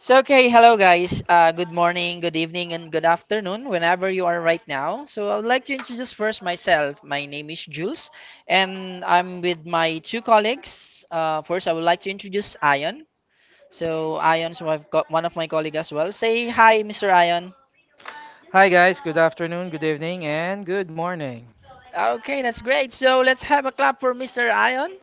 Hello, guys. Good morning, good evening, and good afternoon, whenever you are right now. So, I would like to introduce first myself. My name is Jules, and I'm with my two colleagues. First, I would like to introduce Ion. So, Ion is one of my colleagues as well. Say hi, Mr. Ion. Hi guys, good afternoon, good evening, and good morning. Okay, that's great. So, let's have a clap for Mr. Ion.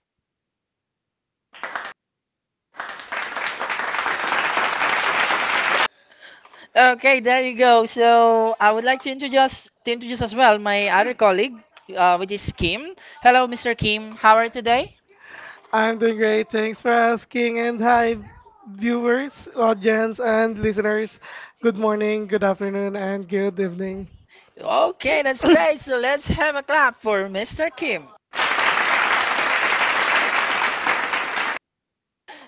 Okay, there you go. So, I would like to introduce as well my other colleague, which is Kim. Hello, Mr. Kim. How are you today? I'm doing great. Thanks for asking. And hi, viewers, audience, and listeners. Good morning, good afternoon, and good evening. Okay, that's great. So, let's have a clap for Mr. Kim.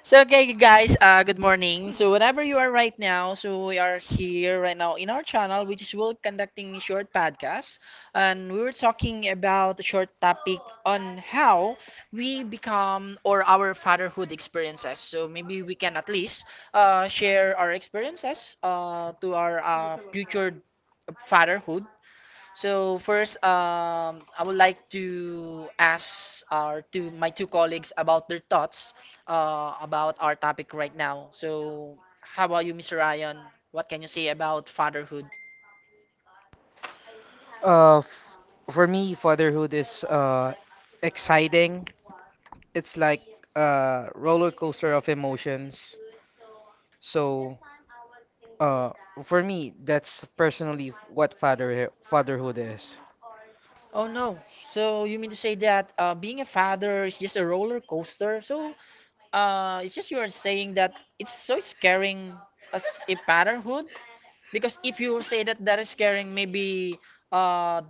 So, okay, guys. Good morning. So, whenever you are right now, so we are here right now in our channel, which is we're conducting a short podcast, and we were talking about a short topic on how we become or our fatherhood experiences. So maybe we can at least share our experiences to our future fatherhood. So first, I would like to ask our two my two colleagues about their thoughts about our topic right now. So how about you, Mr. Ryan? What can you say about fatherhood? Uh, f- for me, fatherhood is exciting. It's like a roller coaster of emotions. So, uh, for me, that's personally what fatherhood is. Oh no. So you mean to say that being a father is just a roller coaster? So it's just, you are saying that it's so scaring as a fatherhood, because if you say that that is scaring, maybe uh,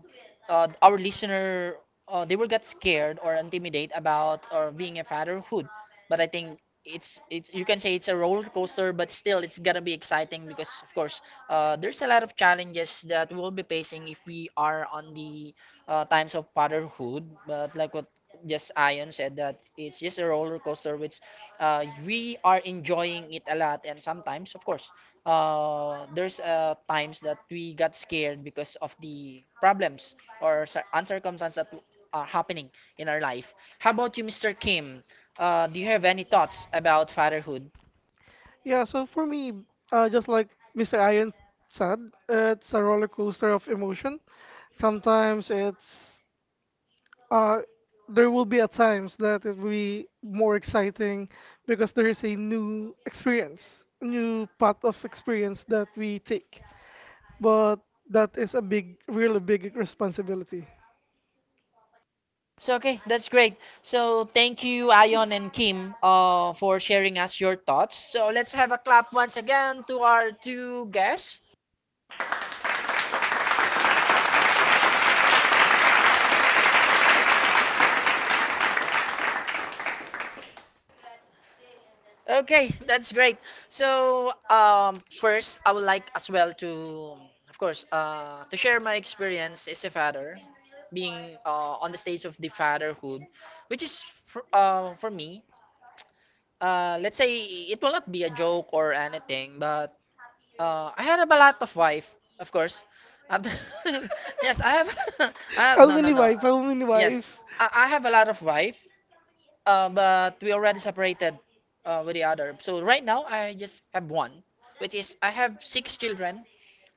our listener, they will get scared or intimidated about or being a fatherhood, but I think it's, you can say it's a roller coaster, but still it's gonna be exciting, because of course there's a lot of challenges that we'll be facing if we are on the times of fatherhood, but like what Yes, Ion said, that it's just a roller coaster, which we are enjoying it a lot. And sometimes, of course, there's times that we got scared because of the problems or uncircumstances that are happening in our life. How about you, Mr. Kim? Do you have any thoughts about fatherhood? Yeah, so for me, just like Mr. Iron said, it's a roller coaster of emotion. Sometimes it's uh, there will be at times that it will be more exciting because there is a new experience, new path of experience that we take. But that is a big, really big responsibility. So, okay, that's great. So, thank you, Ion and Kim, for sharing us your thoughts. So, let's have a clap once again to our two guests. Okay, that's great. So, first, I would like as well to, of course, to share my experience as a father, being on the stage of the fatherhood, which is for me, let's say it will not be a joke or anything, but I had a lot of wife, of course. Um, yes, I have, I have, no, no, Alvini wife, Alvini no. Yes, wife. I have a lot of wife, but we already separated with the other. So right now, I just have one, which is I have six children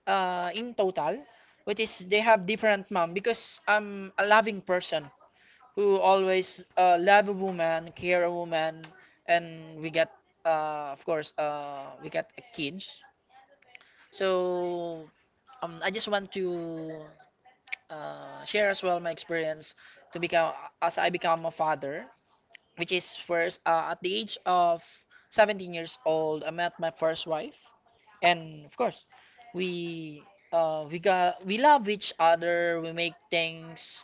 in total, which is they have different mom, because I'm a loving person who always love a woman, care a woman, and we get, of course, we get kids. So I just want to share as well my experience to become, as I become a father, which is first at the age of 17 years old, I met my first wife, and of course we we got, we love each other, we make things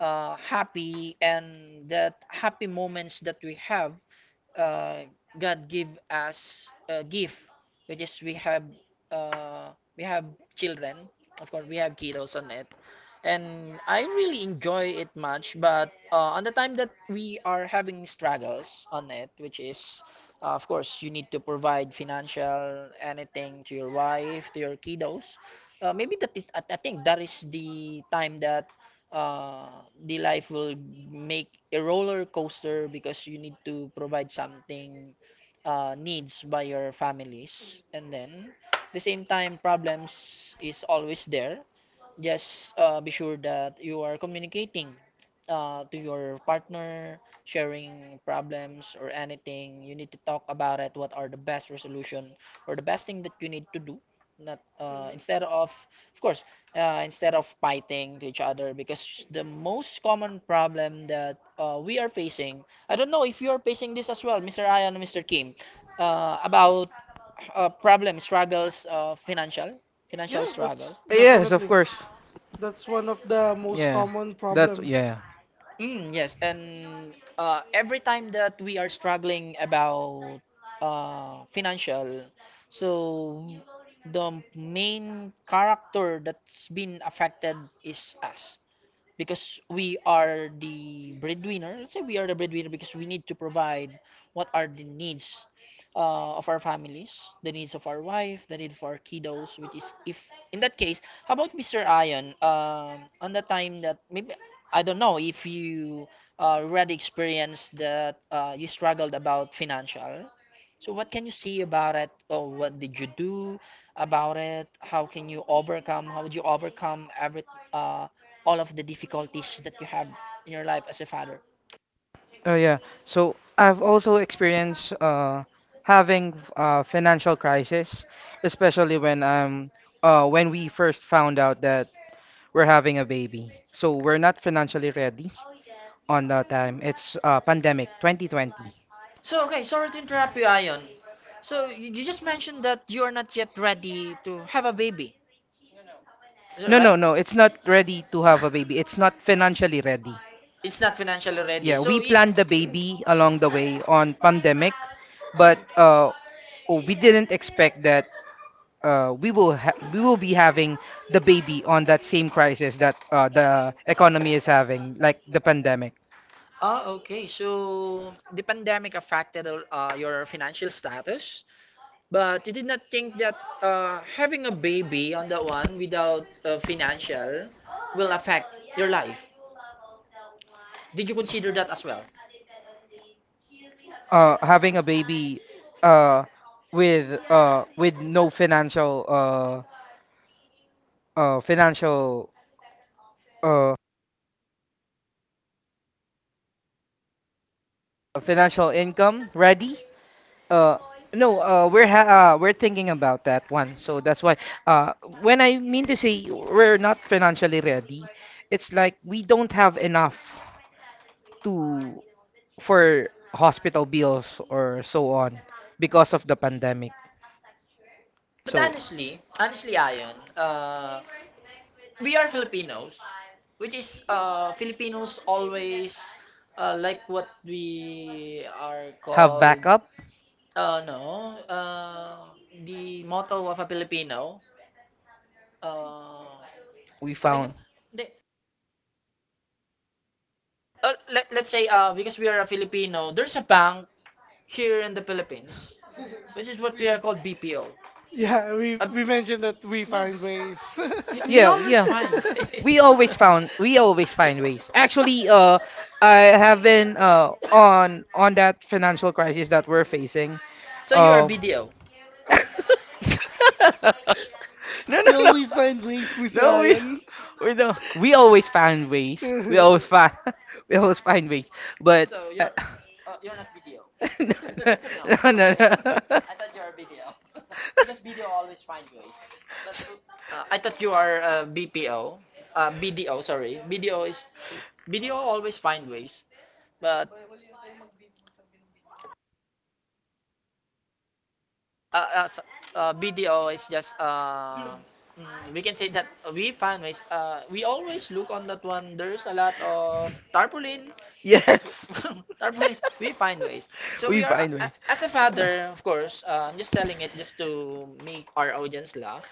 happy, and that happy moments that we have, uh, God give us a gift, which is uh, we have children, of course we have kiddos on it, and I really enjoy it much. But on the time that we are having struggles on it, which is, of course, you need to provide financial anything to your wife, to your kiddos. Maybe that is, I think that is the time that the life will make a roller coaster, because you need to provide something needs by your families, and then at the same time problems is always there. Just be sure that you are communicating to your partner, sharing problems or anything. You need to talk about it. What are the best resolution or the best thing that you need to do? Not Mm-hmm. Instead of course, instead of fighting to each other, because the most common problem that we are facing. I don't know if you are facing this as well, Mr. Ion and Mr. Kim, about problem struggles, financial Yeah. Yeah, struggle. Yes, of course. that's one of the most Yeah, common that's problem. yeah. Mm, yes, and every time that we are struggling about financial, so the main character that's been affected is us, because we are the breadwinner. Let's say we are the breadwinner, because we need to provide what are the needs of our families, the needs of our wife, the need for our kiddos, which is, if in that case, how about Mr. Ion? On the time that maybe I don't know if you already experienced that you struggled about financial. So what can you say about it? Or what did you do about it? How can you overcome? How would you overcome every uh, all of the difficulties that you have in your life as a father. Oh yeah. So I've also experienced having a financial crisis, especially when when we first found out that we're having a baby. So we're not financially ready on that time. It's pandemic 2020. So, okay, sorry to interrupt you, Ion. So, you just mentioned that you are not yet ready to have a baby. Is that No, right? no, no. It's not ready to have a baby. It's not financially ready. It's not financially ready. Yeah, So, we it, planned the baby along the way on pandemic, but oh, we didn't expect that we will be having the baby on that same crisis that the economy is having, like the pandemic. ah, okay. So, the pandemic affected your financial status? But you did not think that having a baby on that one without financial will affect your life. Did you consider that as well? Having a baby uh with no financial financial uh financial income ready uh no we're ha- We're thinking about that one, so that's why uh when I mean to say we're not financially ready, it's like we don't have enough to, for hospital bills or so on because of the pandemic, But so. honestly, honestly, Ayon, we are Filipinos, which is Filipinos always like what we are Have called. backup? No, the motto of a Filipino. Uh, We I found. Let, let's say because we are a Filipino, there's a bank here in the Philippines, which is what we are called BPO. Yeah, we Uh, we mentioned that we find yes. ways. We We we Yeah, always always yeah. find find. We ways. ways. Always found. We always find ways. Actually, I have been on that financial crisis that we're facing. So you are Uh, BDO. no, no, You no, always find ways, Mr. no. We Ian. we don't. We always find ways. We always find. We always find ways. But no, no. No, no, no. No. I. I thought you are BPO. BDO, sorry. BDO is BDO always find ways. But uh, uh, s- BDO is just mm, we can say that we find ways. We always look on that one. There's a lot of tarpaulin, Yes. tarpaulin. We find ways. So Uy, we are ba, as a father, of course. I'm just telling it just to make our audience laugh.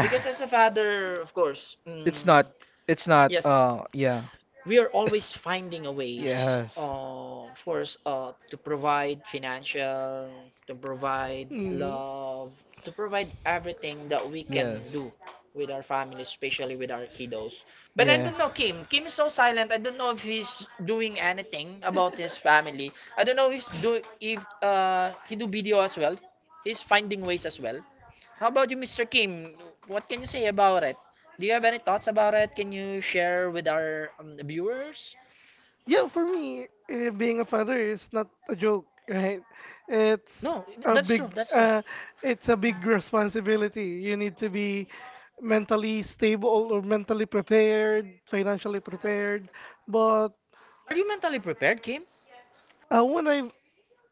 Because as a father, of course, mm, not. It's not. yes, Yeah. we are always finding a ways, of course, to provide financial, to provide Mm. love, to provide everything that we can do with our family, especially with our kiddos. But I don't know Kim. Kim is so silent. I don't know if he's doing anything about his family. I don't know if he's do if he do video as well. He's finding ways as well. How about you, Mr. Kim? What can you say about it? Do you have any thoughts about it? Can you share with our viewers? Yeah, for me, being a father is not a joke, right? It's No, a that's true. big, That's true. uh, it's a big responsibility. You need to be mentally stable or mentally prepared, financially prepared. But Are you mentally prepared, Kim? When I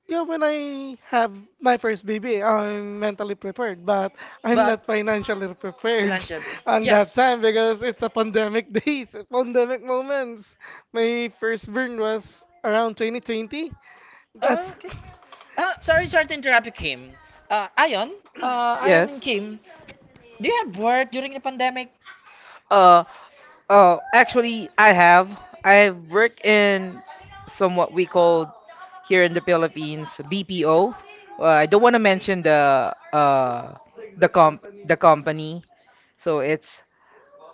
yeah, when I have my first baby, I'm mentally prepared, but I'm not But financially prepared financial, on that yes. time because it's a pandemic days, a pandemic moments. My first burn was around 2020. That's Okay. Sorry, sorry to interrupt you, Kim. Ayon, Ayon and Yes. Kim, do you have work during the pandemic? Uh, Actually, I have. I work in some, what we call here in the Philippines, BPO. I don't want to mention the comp the company, so it's,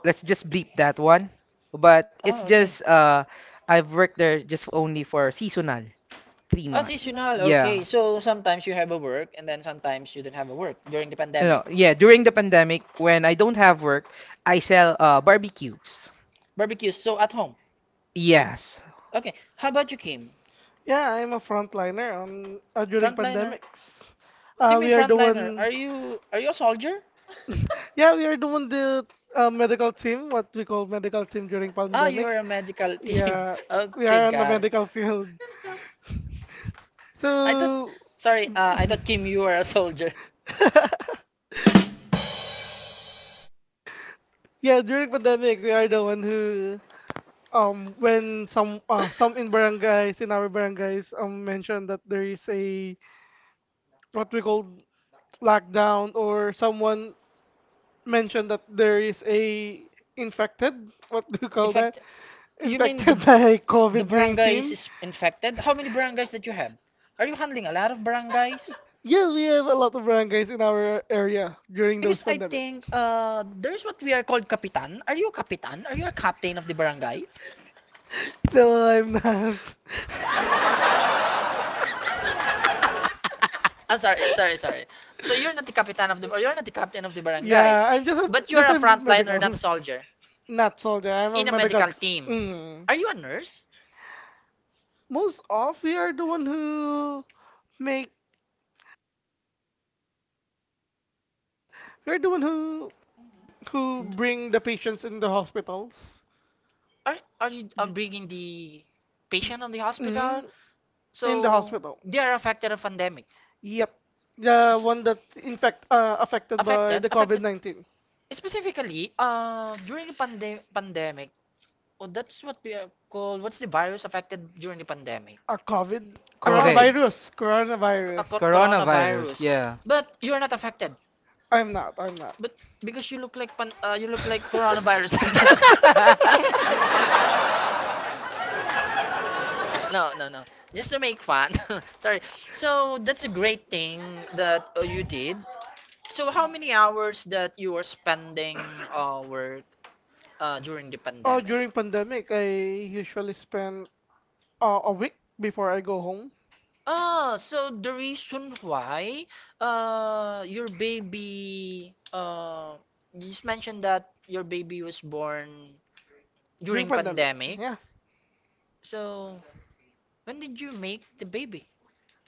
let's just bleep that one. But it's Oh, okay. just uh, I've worked there just only for seasonal three Oh, months. seasonal. Yeah. Okay. So sometimes you have a work, and then sometimes you don't have a work during the No, No, pandemic. yeah, during the pandemic, when I don't have work, I sell barbecues. Barbecues. So at home. Yes, Okay. How about you, Kim? yeah, I'm a frontliner on during Frontliner. What pandemics. do you mean We are the frontliner? One. Are you a soldier? Yeah, we are the one, the medical team, what we call medical team during Ah, you pandemic. are a medical team. Yeah, we we Okay, are on the got it. medical field. I thought, So sorry, I thought Kim, you were a soldier. yeah, during pandemic, we are the one who, when some in our barangays, mentioned that there is a, what we call, lockdown, or someone mentioned that there is a infected, what do you call that, Infect You mean the, infected by the barangays COVID-19. is infected? How many barangays that you have? Are you handling a lot of barangays? Yeah, we have a lot of barangays in our area during Because those I pandemic. think there's what we are called kapitan. Are you a kapitan? Are you a captain of the barangay? No, I'm not. I'm sorry, sorry, sorry. So you're not the kapitan of the, or you're not the captain of the barangay, Yeah, I'm just but a you're just a a frontliner, not a medical. soldier, Not soldier. I'm a in a medical. medical team. Mm. Are you a nurse? Most of we are the one who make we are the one who bring the patients in the hospitals. Are are you bringing the patient on the hospital? Mm, in the So hospital. they are affected of pandemic. Yep. The S- one that infect affected by affected the affected COVID-19. specifically during the pandemic. Oh, that's what we are called, what's the virus affected during the pandemic, A COVID a COVID, COVID, coronavirus. a Coronavirus. co- coronavirus. coronavirus. Yeah. But you're not affected, I'm not. I'm not. but because you look like pan you look like coronavirus. No, no, no, just to make fun. Sorry. So that's a great thing that you did. So how many hours that you were spending work during the Oh, Oh, pandemic. during pandemic, I usually spend a week before I go home. Ah, so the reason why your baby you just mentioned that your baby was born During during pandemic, pandemic. yeah. Pandemic. So when did you make the baby?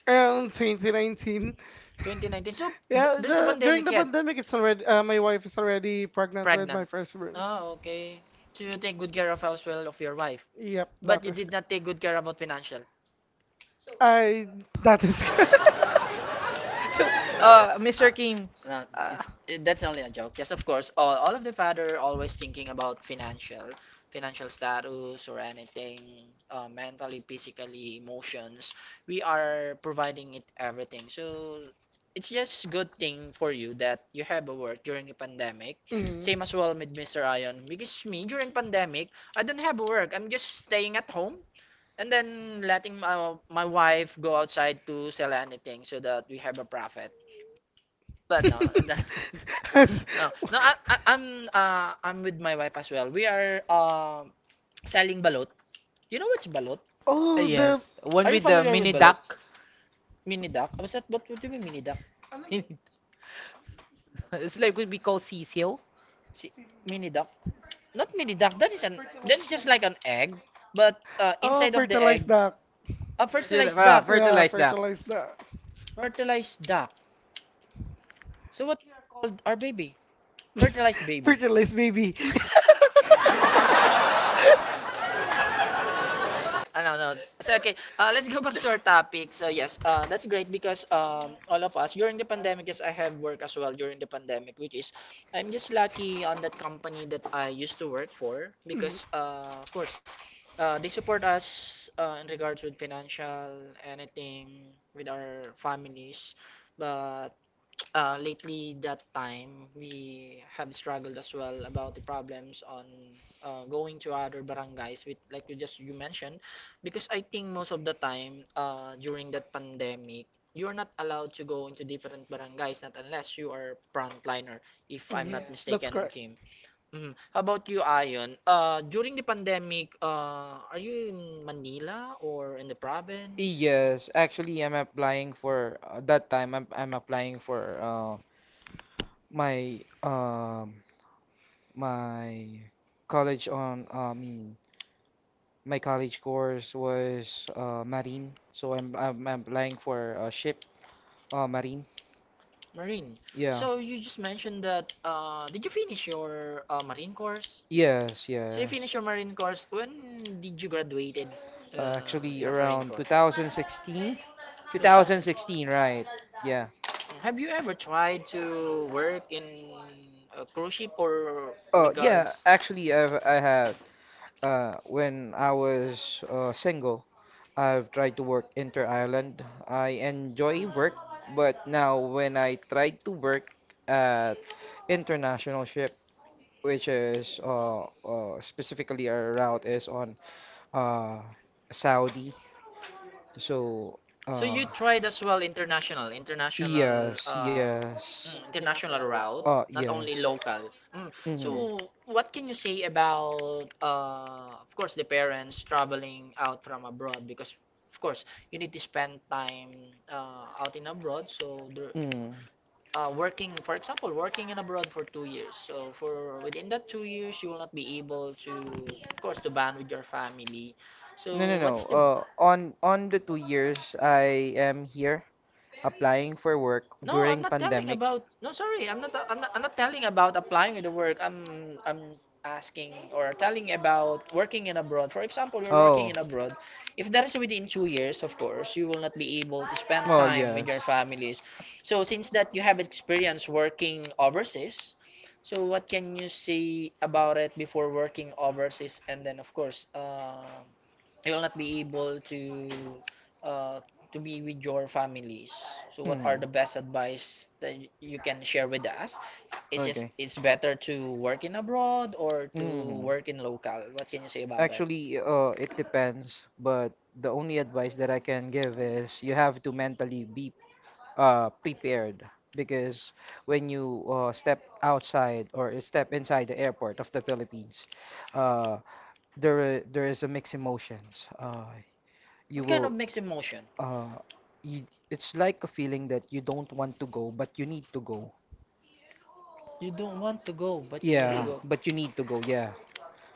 Around 2019. 2019. So th Yeah, there's a the during pandemic the yet. pandemic, it's already my wife is already pregnant with my Pregnant. firstborn. Ah, okay. So you take good care of as well of your wife, Yep, but that you is. did not take good care about financial. I That is good. So, Mr. Uh, Kim, no, uh, that's only a joke. Yes, of course. All of the father always thinking about financial, status or anything, mentally, physically, emotions. We are providing it everything. So it's just good thing for you that you have a work during the pandemic. Mhm. Same as well with Mr. Ion. Because me during pandemic, I don't have a work. I'm just staying at home. And then letting my wife go outside to sell anything so that we have a profit. But no, that- And, no, no. I'm with my wife as well. We are selling balot. You know what's balot? Oh, the, yes, one Are you with the familiar with mini balot? duck. Mini duck. What's that? What do you mean mini duck? Mini- it's like what we call CCO. See, mini duck? Not mini duck. That is just like an egg, but oh, oh, inside of the fertilized fertilized egg, duck. duck. A Fertil- fertilized ah, duck, Yeah, fertilized duck. yeah, fertilized duck. fertilized duck. So what called our baby? Fertilized baby. Fertilized baby. No, no. So, okay, let's go back to our topic. So, yes, that's great because all of us during the pandemic, yes, I have work as well during the pandemic, which is I'm just lucky on that company that I used to work for because, of course, they support us in regards with financial, anything with our families. But lately, that time, we have struggled as well about the problems on going to other barangays, with like you just you mentioned, because I think most of the time during that pandemic, you're not allowed to go into different barangays, not unless you are frontliner, if Mm. I'm Mhm. not That's mistaken, correct. Kim. Mhm. How about you, Ayon? During the pandemic, are you in Manila or in the province? Yes, actually, I'm applying for that time. I'm applying for my my college on me My college course was marine, so I'm applying for a ship, marine. Marine. Yeah. So you just mentioned that, did you finish your Marine course? Yes, so you So you finished your Marine yes. course. When did you graduated Actually, your Marine around course. 2016, 2000. 2016, right? Yeah. Have you ever tried to work in a cruise ship or Oh, yeah. regards? Actually, Mm. I had when I was single. I've tried to work inter-island. I enjoy work, but now when I tried to work at international ship, which is specifically our route is on uh Saudi. So. So So uh you tried as well yes, yes. International route, not only Yes. local. Mm. Mm-hmm. So what can you say about, of course, the parents traveling out from abroad because, Because. of course, you need to spend time out in abroad. So there, Mm. For example, working in abroad for 2 years. So for within that 2 years, you will not be able to, of course, to bond with your family. So what is it's the On the 2 years I am here applying for work, no, no, I'm not telling about. No, sorry, I'm not. I'm not. I'm not telling about applying in the work. I'm. I'm asking or telling about working in abroad. For example, you're working in abroad. If that is within 2 years, of course, you will not be able to spend spending, time with your oh. families. So since that you have experience working overseas, so what can you say about it before working overseas? And then, of course, you will not be able to uh, be with your families. So what Hmm. are the best advice that you can share with us? Is it Okay. It's better to work in abroad or to Hmm. work in local? What can you say about it? Actually, it depends, but the only advice that I can give is you have to mentally be prepared because when you step outside or step inside the airport of the Philippines, uh, there is a mixed emotions. You It kind of will makes emotion. uh, you, it's like a feeling that you don't want to go, but you need to go. You don't want to go, but you need to Yeah, go. but you need to go, yeah.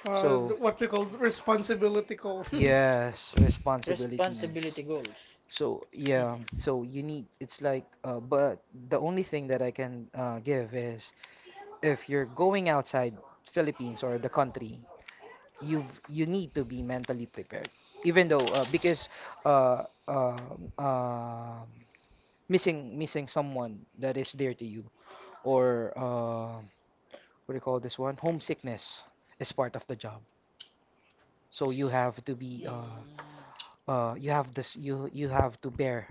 So, What we call responsibility goal. yes, responsibilities. Responsibility goes. Responsibility goals. So, yeah, Mhm. so you need, it's like, but the only thing that I can give is if you're going outside Philippines or the country, you need to be mentally prepared. Even though, because uh, uh, uh, missing someone that is dear to you, or what do you call this one? Homesickness is part of the job. So you have to be Mm. You have this, you have to bear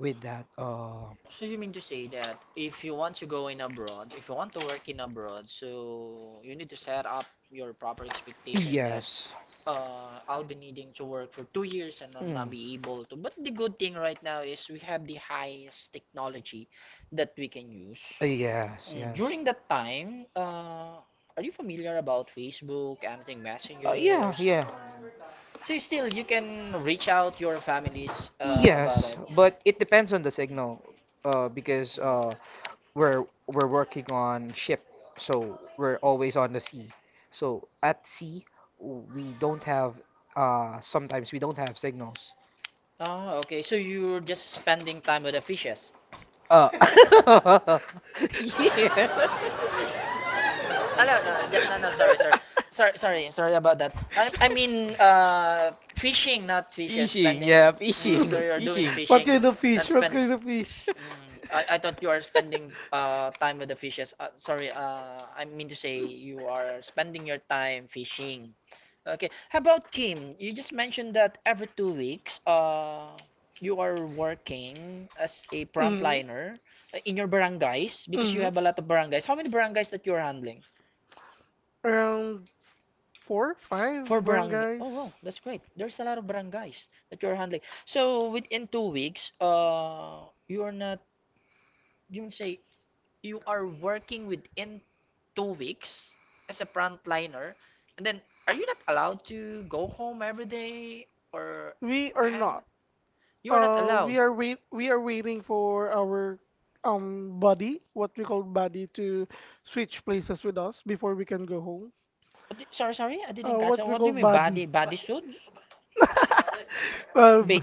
with that, uh, So you mean to say that if you want to go in abroad, if you want to work in abroad, so you need to set up your proper expectation that yes. I'll be needing to work for 2 years and I'm Mm. not be able to. But the good thing right now is we have the highest technology that we can use. yes, yes. During that time, are you familiar about Facebook, anything Yeah, messengers? yeah. Mm. So still you can reach out your families about Yes, it. but it depends on the signal. Because Mm. We're working on ship, so we're always on the sea. So at sea, we don't have sometimes we don't have signals. Ah, okay. So you're just spending time with the fishes. Uh yeah. Ah, no, no, no, no, sorry, sorry, sorry, sorry, sorry about that. I mean, fishing, I not fishes. Fishing, mean, Spending. yeah, fishing, So you're doing fishing. What fishing, kind of not fish? What spend. kind of fish? I thought you are spending time with the fishes. Sorry, I mean to say you are spending your time fishing. Okay. How about Kim? You just mentioned that every 2 weeks, you are working as a Mhm. frontliner in your barangays because you Mhm. have a lot of barangays. How many barangays that you are handling? Around four, five Oh, barangays. wow, that's great. There's a lot of barangays that you're handling. So within 2 weeks, you are not, you would say you are working within 2 weeks as a frontliner, and then are you not allowed to go home every day or We are and not. you are not allowed? We are waiting for our, buddy, what we call buddy, to switch places with us before we can go home. Sorry, sorry, I didn't catch. What we What do you call mean body buddy. body ba suit? Ba b-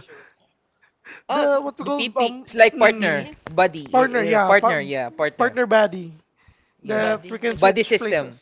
Oh, the What we the call, PP PPE, It's like mm, partner, PPE buddy, eh, partner, eh, yeah, partner, yeah, partner, partner buddy yeah. that body. we can Buddy switch places. system.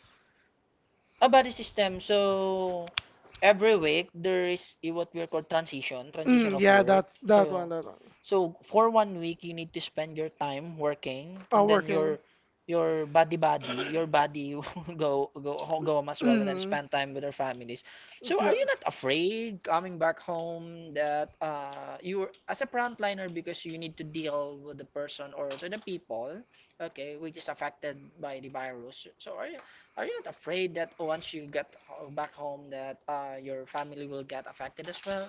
A body system. So every week there is what we call transition Mm, of yeah, work. that one, So that one. so for 1 week you need to spend your time working and then your Working. your body will go home as well and then Mm-hmm. spend time with our families. Families. So are Yeah, you not afraid coming back home that you as a frontliner because you need to deal with the person or to the people, okay, which is affected by the virus. So are you not afraid that once you get back home that your family will get affected as well?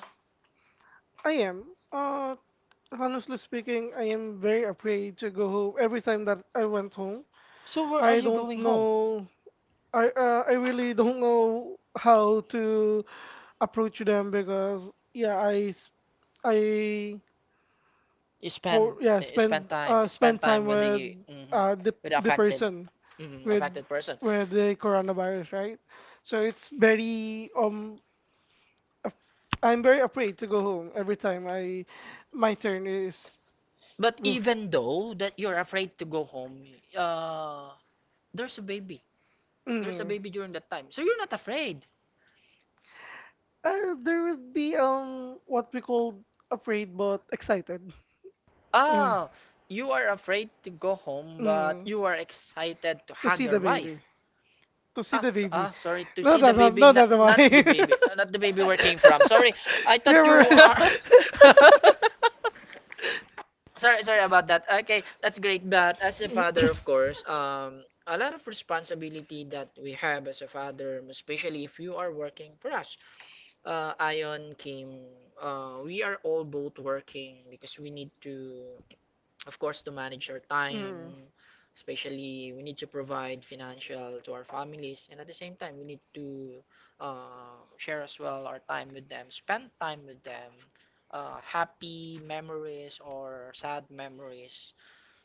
I am. Uh, Honestly speaking, I am very afraid to go home every time that I went home. So where are I you don't going home? know. I really don't know how to approach them because yeah, I s- I You no, spend co yeah, so spend you spend spend time time with the with uh the the a affected person with person. with the coronavirus, right? So it's very um af- I'm very afraid to go home every time I my turn is. But, yeah, Mm. even though that you're afraid to go home, uh, there's a baby. There's a, mm-hmm, Mm. baby during that time. So you're not afraid. There would be, what we call, afraid but excited. Mm. Ah, you are afraid to go home, but, Mm. mm-hmm, you are excited to To hug see your the baby. wife. To see Ah, the baby. Sorry. To No, see the no, no, no, baby, no, no, no. not, no. Why? Not the baby where came from. Sorry, I We thought you were. are. I. Sorry, sorry about that. Okay, that's great. But as a father, of course, a lot of responsibility that we have as a father, especially if you are working for us. Ion, Kim, we are all both working because we need to, of course, to manage our Mm. time, especially we need to provide financial to our families, and at the same time, we need to share as well our time with them, spend time with them, happy memories or sad memories.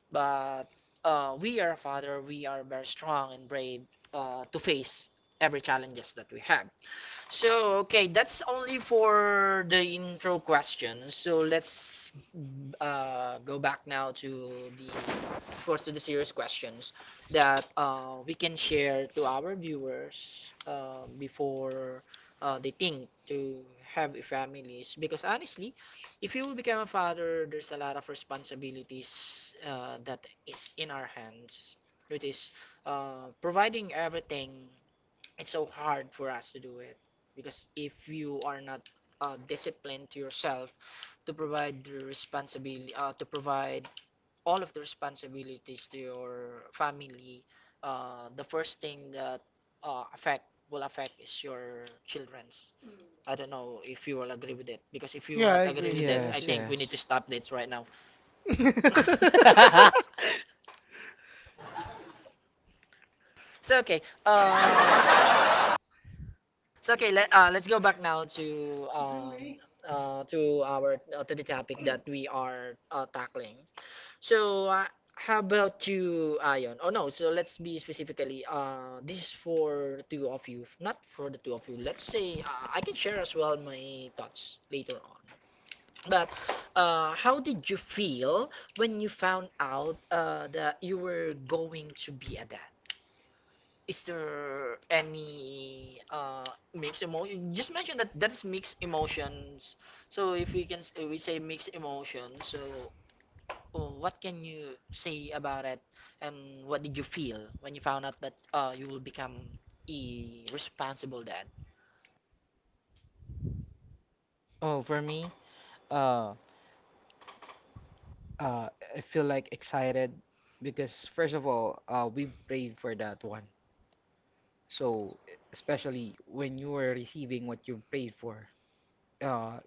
But we are a father, we are very strong and brave to face every challenges that we have. So, okay, that's only for the intro question. So let's go back now to the, of course, to the serious questions that we can share to our viewers before they think to have families. Because honestly, if you will become a father, there's a lot of responsibilities that is in our hands. It is providing everything. It's so hard for us to do it because if you are not disciplined to yourself to provide the responsibility to provide all of the responsibilities to your family, the first thing that affect will affect is your children's. I don't know if you will agree with it, because if you will Yeah, not I agree with agree. it, I I Yes, to agree. think we need yes. to stop this right now. Now. so okay uh So okay, let's go back now to our to the topic that we are tackling. So how about you, Ayon? Oh no, so let's be specifically. This is for the two of you, not for the two of you. Let's say I can share as well my thoughts later on. But how did you feel when you found out that you were going to be a dad? Is there any mixed emotion? You just mentioned that that is mixed emotions. So if we can we say mixed emotion, so oh, what can you say about it? And what did you feel when you found out that you will become a responsible dad? Oh, for me, uh, Uh, I feel like excited because first of all, we prayed for that one. So especially when you were receiving what you prayed for. Uh,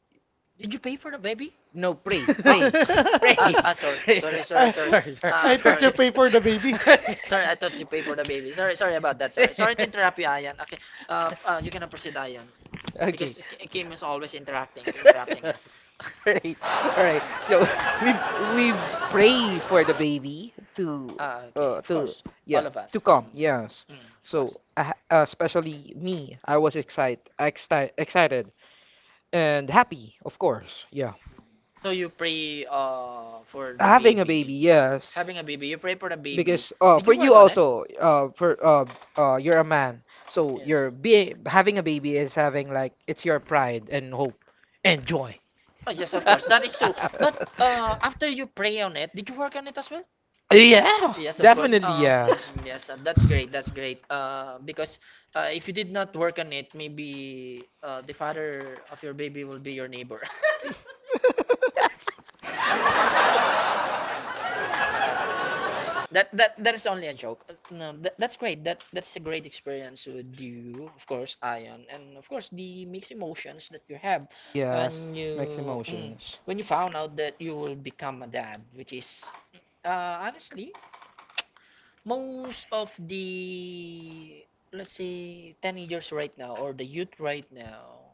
Did you pay for the baby? no, pray, Oh, pray, pray, sorry, pray. sorry, sorry, I, sorry. Sorry, sorry. Sorry, sorry, Ah, I thought sorry. sorry, you pay for the baby. sorry, Sorry, I sorry, thought you pay for the baby. Sorry, sorry about that. Sorry, sorry to interrupt you, Ayan. Okay, you can proceed, Ayan, Okay. because Because Kim is always you interrupting. interrupting us. Alright, alright. So, we pray for the baby to Ah, okay, uh of to course, all yeah, of us. to come. Mhm. Yes. Mm, of course. So, especially me, I was excited, excited and happy, of course. Yeah. So you pray for the Having a baby, baby. yes. Having a baby, you pray for the baby. Because Did you for work you on it? also, for you're a man, so you're be having a baby is having like it's your Yes. pride and hope and joy. Oh, yes, of course. That is true. But after you pray on it, did you work on it as well? Yeah, Yes, of course. definitely yes. Mhm, yes, that's great. That's great. Because if you did not work on it, maybe the father of your baby will be your neighbor. No, no, no, no. That is only a joke. No, that, that's great. That's a great experience with you, of course, Ion, and of course the mixed emotions that you have, Yes, and makes you emotions. when you found out that you will become a dad, which is honestly most of the, let's say, teenagers right now or the youth right now,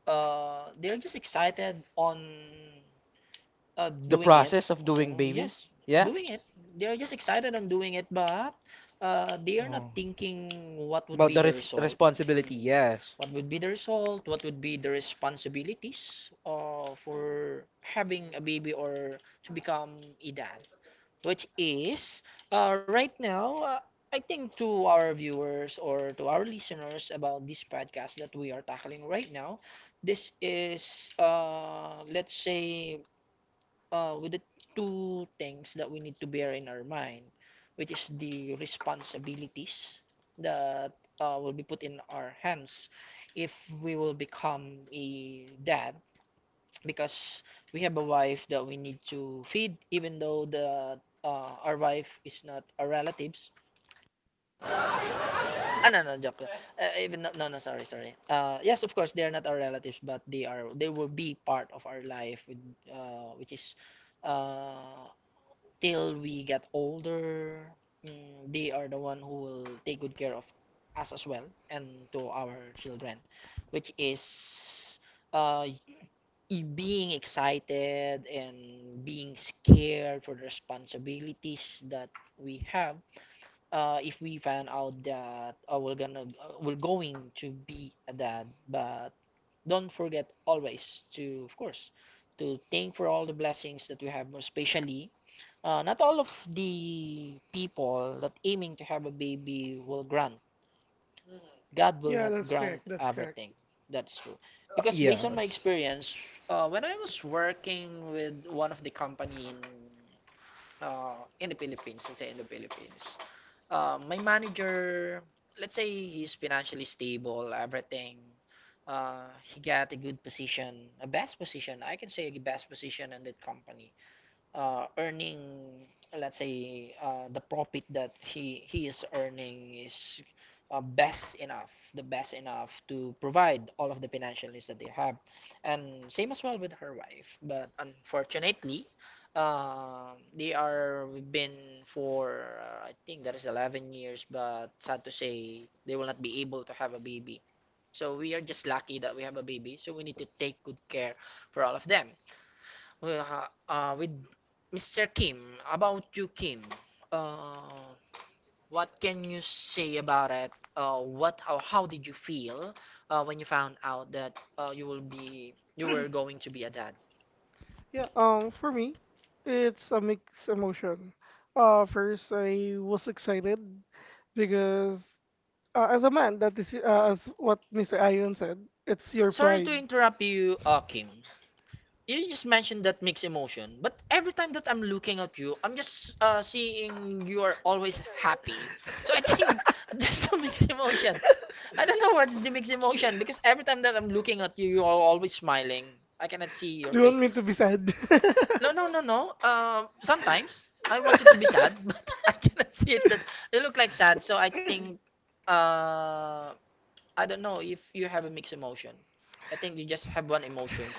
they're just excited on The doing it. Process process of of doing, doing things. Yes. baby? Yeah. Yeah? Doing it. They're just excited on doing it but they are not Oh. thinking what would, About About be the ref result responsibility, responsibility, yes. yes. What would be the result? What would be the responsibilities for having a baby or to become a dad, which is right now, I think to our viewers or to our listeners about this podcast that we are tackling right now, this is let's say with the two things that we need to bear in our mind, which is the responsibilities that will be put in our hands if we will become a dad, because we have a wife that we need to feed, even though the our wife is not our relatives. Ah, no, no, joke lang. Even no, no, no, sorry, sorry, yes, of course they are not our relatives, but they will be part of our life with, which is uh, till we get older. They are the one who will take good care of us as well, and to our children, which is being excited and being scared for the responsibilities that we have, if we find out that, oh, we're going to be a dad. But don't forget always, to of course, to thank for all the blessings that we have, especially not all of the people that aiming to have a baby will grant. God will Yeah, not that's correct. grant That's correct. everything. That's true. Uh, Because based on my yes. experience, when I was working with one of the company in the Philippines, let's say, in the Philippines, my manager, let's say, he's financially stable, everything. He got a good position, a best position. I can say a best position in that company, earning, let's say, the profit that he is earning is best enough, the best enough to provide all of the financial needs that they have, and same as well with her wife. But unfortunately, they are, we've been for I think that is 11 years, but sad to say, they will not be able to have a baby. So we are just lucky that we have a baby, so we need to take good care for all of them. Well, with Mr. Kim, about you, Kim. Uh, what can you say about it? What how did you feel when you found out that you will be, you were going to be a dad? Yeah, for me, it's a mixed emotion. First, I was excited because, as a man, that is, as what Mr. Ion said, it's your Sorry to pride. interrupt you, Kim. You just mentioned that mixed emotion, but every time that I'm looking at you, I'm just seeing you are always happy. So I think there's no mixed emotion. I don't know what's the mixed emotion, because every time that I'm looking at you, you are always smiling. I cannot see your Do you want face. me Want. to be sad? No, no, no, no. Sometimes I want you to be sad, but I cannot see it. That they look like sad. So I think, uh, I don't know if you have a mixed emotion. I think you just have one emotion.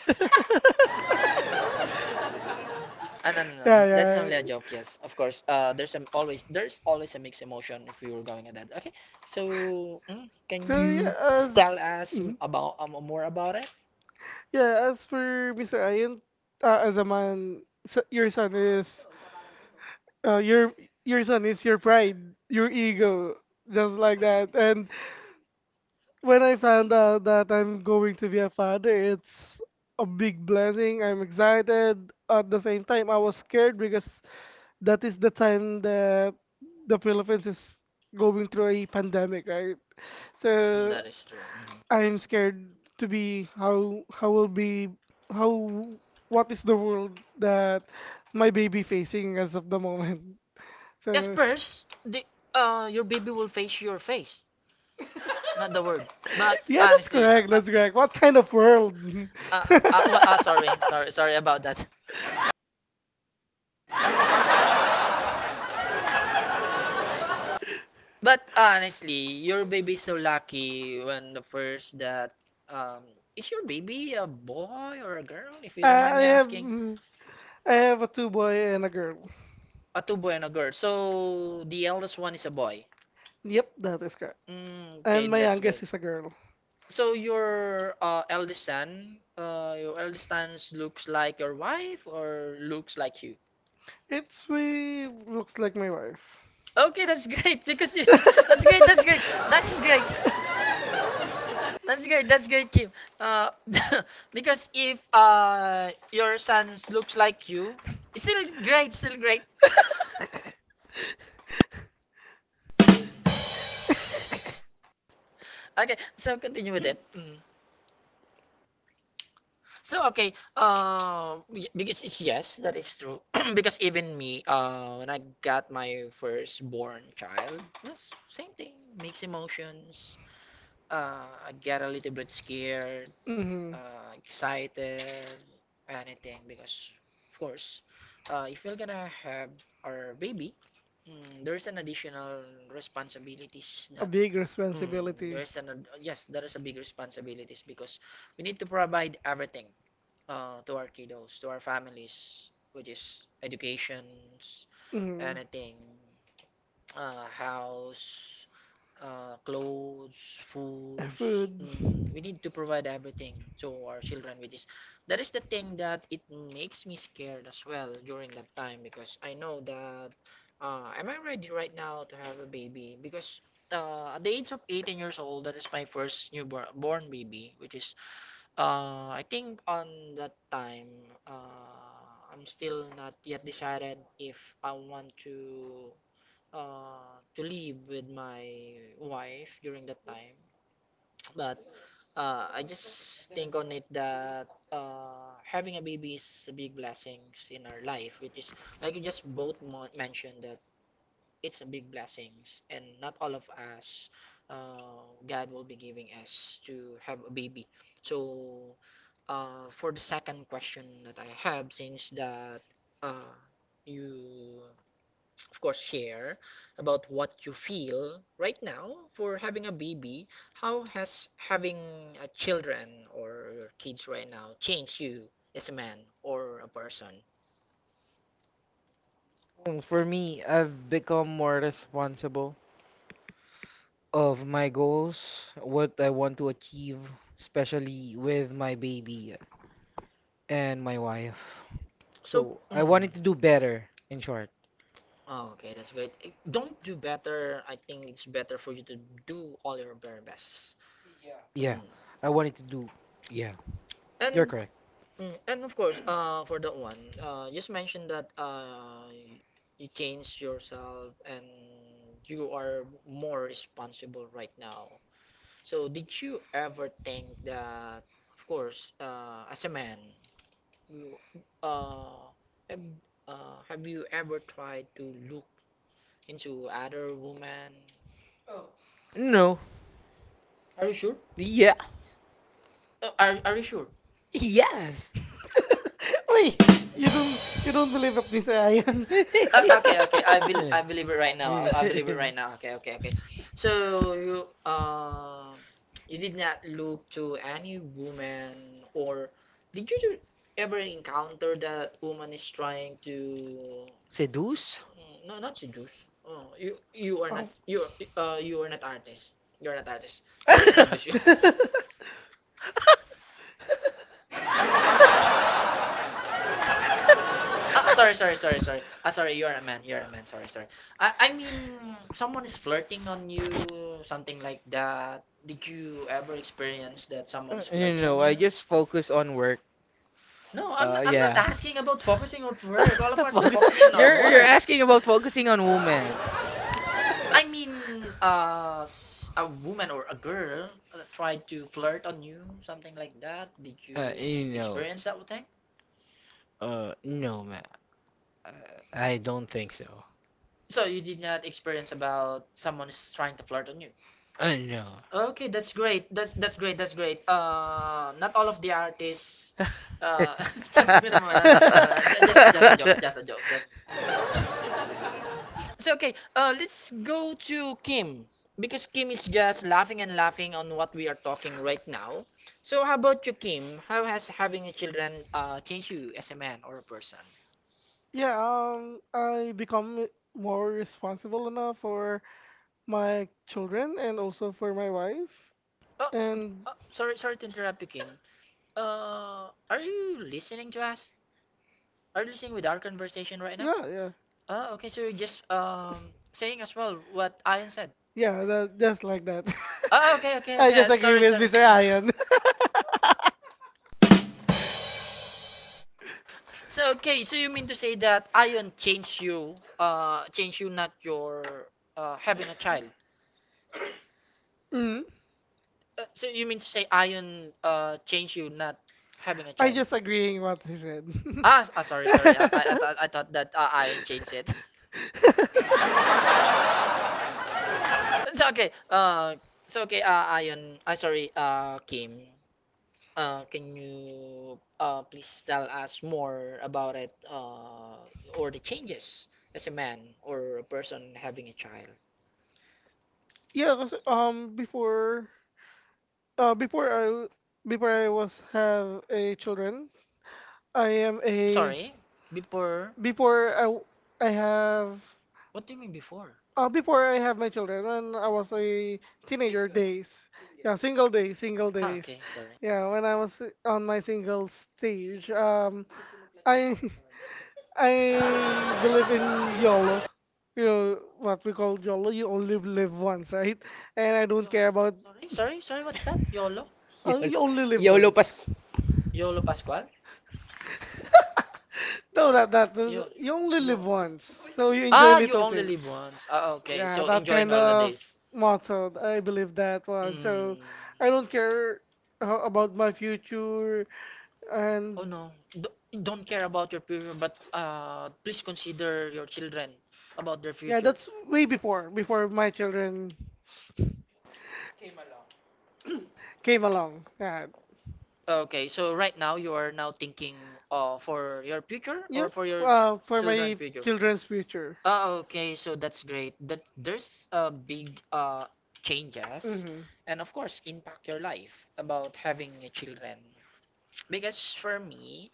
Ah, no, no, Yeah, no. That's yeah. only a yeah joke. Yes, of course. There's some, always there's always a mixed emotion if we were going at that. Okay. So, can So yeah, you as tell us Mhm. about more about it? Yeah, as for Mr. Ayan, as a man, your son is, uh, your your son is your pride, your ego, just like that. And when I found out that I'm going to be a father, it's a big blessing. I'm excited. At the same time, I was scared because that is the time that the Philippines is going through a pandemic, right? So That is true. Mhm. I'm scared to be how will be how what is the world that my baby facing as of the moment. Yes, So first, the your baby will face your face, not the word. But yeah, that's yeah, that's honestly, correct. correct. That's That's correct. correct. What What kind kind of of world? world? uh, sorry, sorry, sorry about that. But honestly, your baby's so lucky when the first that um is your baby a boy or a girl? If you don't mind I me have asking, I have a two boy and a girl. a two boy and a girl. So the eldest one is a boy. Yep, that is correct. Okay, And My my that's great youngest youngest is is a a girl. girl. So your eldest son, your eldest son looks like your wife or looks like you? It's we looks like my wife. Okay, that's great because you, that's great, that's great, that's great, that's great, Kim. Uh, because if your son looks like you, it's still great, still great. Okay, so continue with it. Mm. So okay, because it's yes, that is true. Because even me, when I got my firstborn child, yes, same thing. Mixed emotions. I get a little bit scared, Hmm. Excited, anything. Because of course, if we're gonna have our baby, there's an additional responsibilities A that big responsibility. Yes, there is a big responsibilities because we need to provide everything to our kiddos, to our families, which is educations, Mhm. anything, house, clothes, foods. Food. We need to provide everything to our children, which is that is the thing that it makes me scared as well during that time, because I know that am I ready right now to have a baby? Because at the age of 18 years old, that is my first newborn born baby, which is I think on that time, I'm still not yet decided if I want to live with my wife during that time. But I just think on it that having a baby is a big blessings in our life, which is like you just both mentioned that it's a big blessings, and not all of us, God will be giving us to have a baby. So for the second question that I have, since that uh, you, of course, share about what you feel right now for having a baby, how has having a children or your kids right now changed you as a man or a person? For me, I've become more responsible of my goals, what I want to achieve, especially with my baby and my wife. So So I wanted to do better, in short. Oh, okay, that's great. Eh, don't do better. I think it's better for you to do all your very best. Yeah, mm. Mm. I wanted to do. Yeah, you're And correct. perfect. And of course, for that one, just mention that you change yourself and you are more responsible right now. So, did you ever think that, of course, as a man, you, uh, have, have you ever tried to look into other women? No, Are you sure? yeah. Are you sure? Yes. Wait, you don't believe at this, Ryan? Okay, Okay, okay. I will, I believe it right now. I believe it right now. Okay, okay, okay. So you, you did not look to any woman or did you do- ever encounter that woman is trying to Seduce? No, not seduce. Oh, you are not, Oh. You are not artist. You're not artist. They will not seduce you. Did Ah, sorry, sorry, sorry, sorry. Ah, sorry, you're a man. You're a man. Sorry, sorry. I mean, someone is flirting on you, something like that. Did you ever experience that someone is flirting on you? just focus on work. No, I'm not Yeah. asking about focusing on work. All of us is focusing on our work. asking about focusing on women. I mean, a woman or a girl tried to flirt on you, something like that. Did you You experience that thing? No, man. Uh, I don't think so. So you did not experience about someone is trying to flirt on you. No. Okay, that's great. That's great. That's great. Not all of the artists. Oo. Sabi naman, just, it's just a just, joke. It's just. just a joke. Just so okay. Let's go to Kim, because Kim is just laughing and laughing on what we are talking right now. So how about you, Kim? How has having a children changed you as a man or a person? Yeah, I become more responsible enough for my children and also for my wife. Oh, And oh, sorry, sorry to interrupt you, Kim. Are you listening to us? Are you listening with our conversation right now? Yeah, yeah, Oh, okay. So you're just saying as well what Ion said. yeah. That, just like that. Oh, okay, okay, I just okay, agree sorry, with sorry. Mr. Ion. So okay, so you mean to say that Ion changed you, not your having a child. Mm. So you mean to say Ion changed you, not having a I child? just agreeing what he said. Ah, sorry, sorry. I thought that Ion changed it. so okay, uh, so Ion, I sorry, Kim. Can you please tell us more about it, or the changes as a man or a person having a child? Yeah, 'cause, before, before before I was have a children, I am a Sorry, before. before I w- I have, What do you mean before? Before I have my children, when I was a teenager days, yeah, single Ah, days, okay, sorry. yeah, when I was on my single stage, I I believe in YOLO. You know what we call YOLO, you only live once, right? And I don't care about, Eh, sorry, sorry, what's that? YOLO? And you Yo- only only live YOLO Pascu. once. YOLO Pascual? No, that that Yo- you yo- only live once, so you enjoy Ah, enjoy you it little only live things. once. Ah, okay, Yeah, so that enjoying kind all the of days. motto. I believe that one. So I Mm. don't care about my future. Oh And no, don't care about your future, but please consider your children about their, yeah, yeah, future. that's way before my children came along. Yeah. Okay, so right now you are now thinking, for your future Yeah, or for your for children my future? children's future. Ah, okay, so that's great. That there's a big changes, Hmm. and of course impact your life about having a children. Because for me,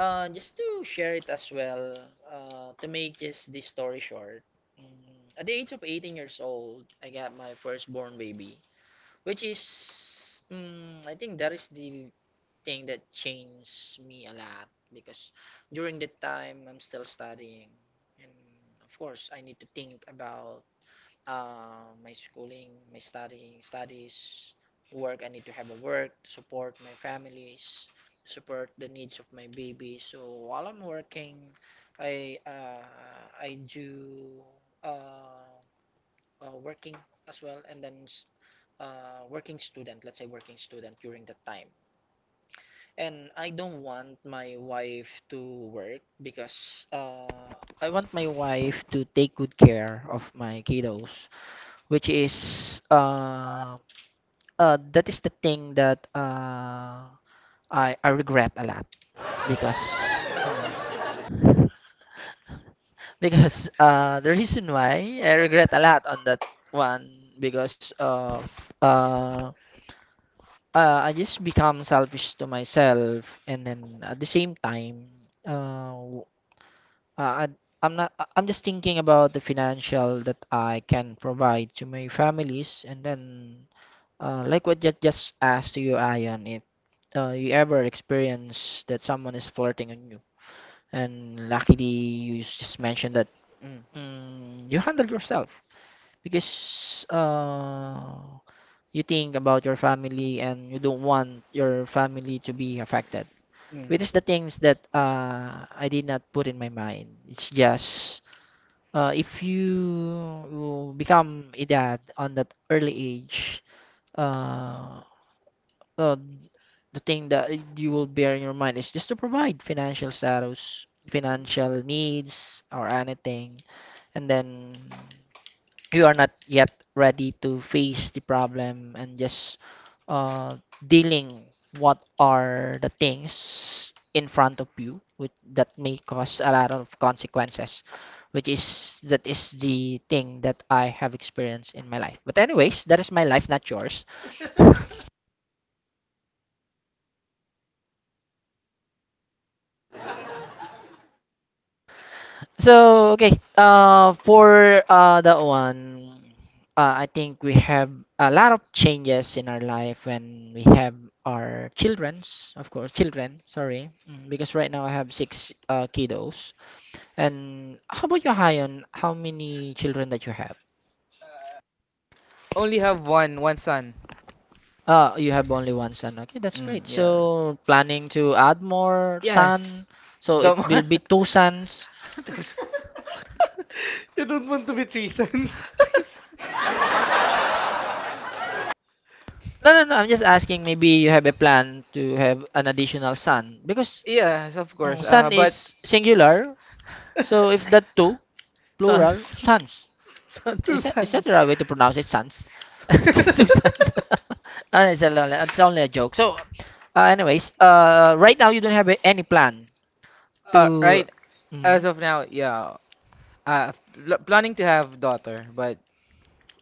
Just to share it as well, to make this story short, at the age of 18 years old, I got my firstborn baby, which is, I think that is the thing that changed me a lot because during that time, I'm still studying, and of course, I need to think about, my schooling, my studying, studies, work. I need to have a work to support my families, to support the needs of my baby. So while I'm working, I uh, I do, uh, working as well, and then working student. Let's say working student during that time. And I don't want my wife to work because, I want my wife to take good care of my kiddos, which is, that is the thing that, I regret a lot because, because, the reason why I regret a lot on that one because of, uh, I just become selfish to myself, and then at the same time, uh, w- I, I'm not I- I'm just thinking about the financial that I can provide to my families, and then, like what just asked to you, Ion, you ever experience that someone is flirting on you. And luckily, you just mentioned that, Mm, you handled yourself because, you think about your family and you don't want your family to be affected. Which mm. is the things that, I did not put in my mind. It's just, if you become a dad on that early age, uh, uh, the thing that you will bear in your mind is just to provide financial status, financial needs, or anything. And then you are not yet ready to face the problem and just, uh, dealing what are the things in front of you, which that may cause a lot of consequences, which is that is the thing that I have experienced in my life, but anyways, that is my life, not yours. So okay, for, that one, I think we have a lot of changes in our life when we have our childrens, of course, children. Sorry, because right now I have six kiddos. And how about you, Hayon? How many children that you have? Only have one, one son. You have only one son. Okay, that's Mm, Are great. yeah. So planning to add more Yes. son. So it The more- will be two sons. Two sons. You don't want to be three sons, Three sons. Three sons. No, no, no. I'm just asking. Maybe you have a plan to have an additional son because, Yes, of course. Son son, but. is singular. So if that two plural Sons. sons, sons. two is that the sons. right way to pronounce it? Sons, two sons. Ah, it's only a joke. So, anyways, right now you don't have any plan You. to. Right. Mm, as Mhm. of now, yeah. Planning to have daughter, but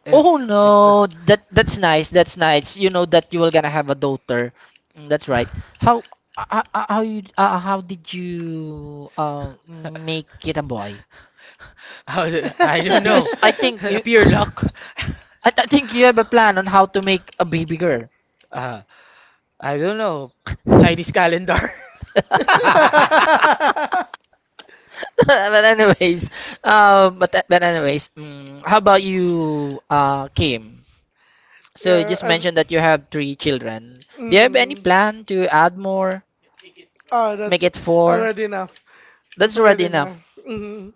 if Oh it's no, a, that's nice. That's nice. You know that you were gonna have a daughter. That's right. How how you how did you, make it a boy? I don't. Yeah, know, Because I think cause a you pure luck. I think you have a plan on how to make a baby girl. Uh, I don't know, Chinese calendar. But anyways, how about you, Kim? So you Yeah, just mentioned that you have three children. Do you have any mm, plan to add more? oh, Make that's it four. already enough. That's That's already already enough. enough. Hmm.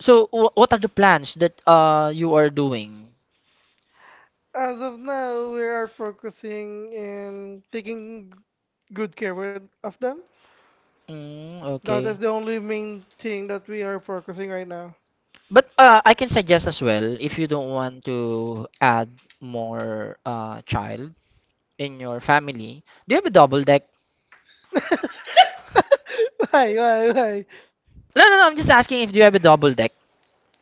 So, what are the plans that you are doing? As of now, we are focusing in taking good care with, of them. That Okay. is the only main thing that we are focusing right now. But, I can suggest as well if you don't want to add more child in your family. Do you have a double deck? Why, why? No, no, no. I'm just asking if do you have a double deck?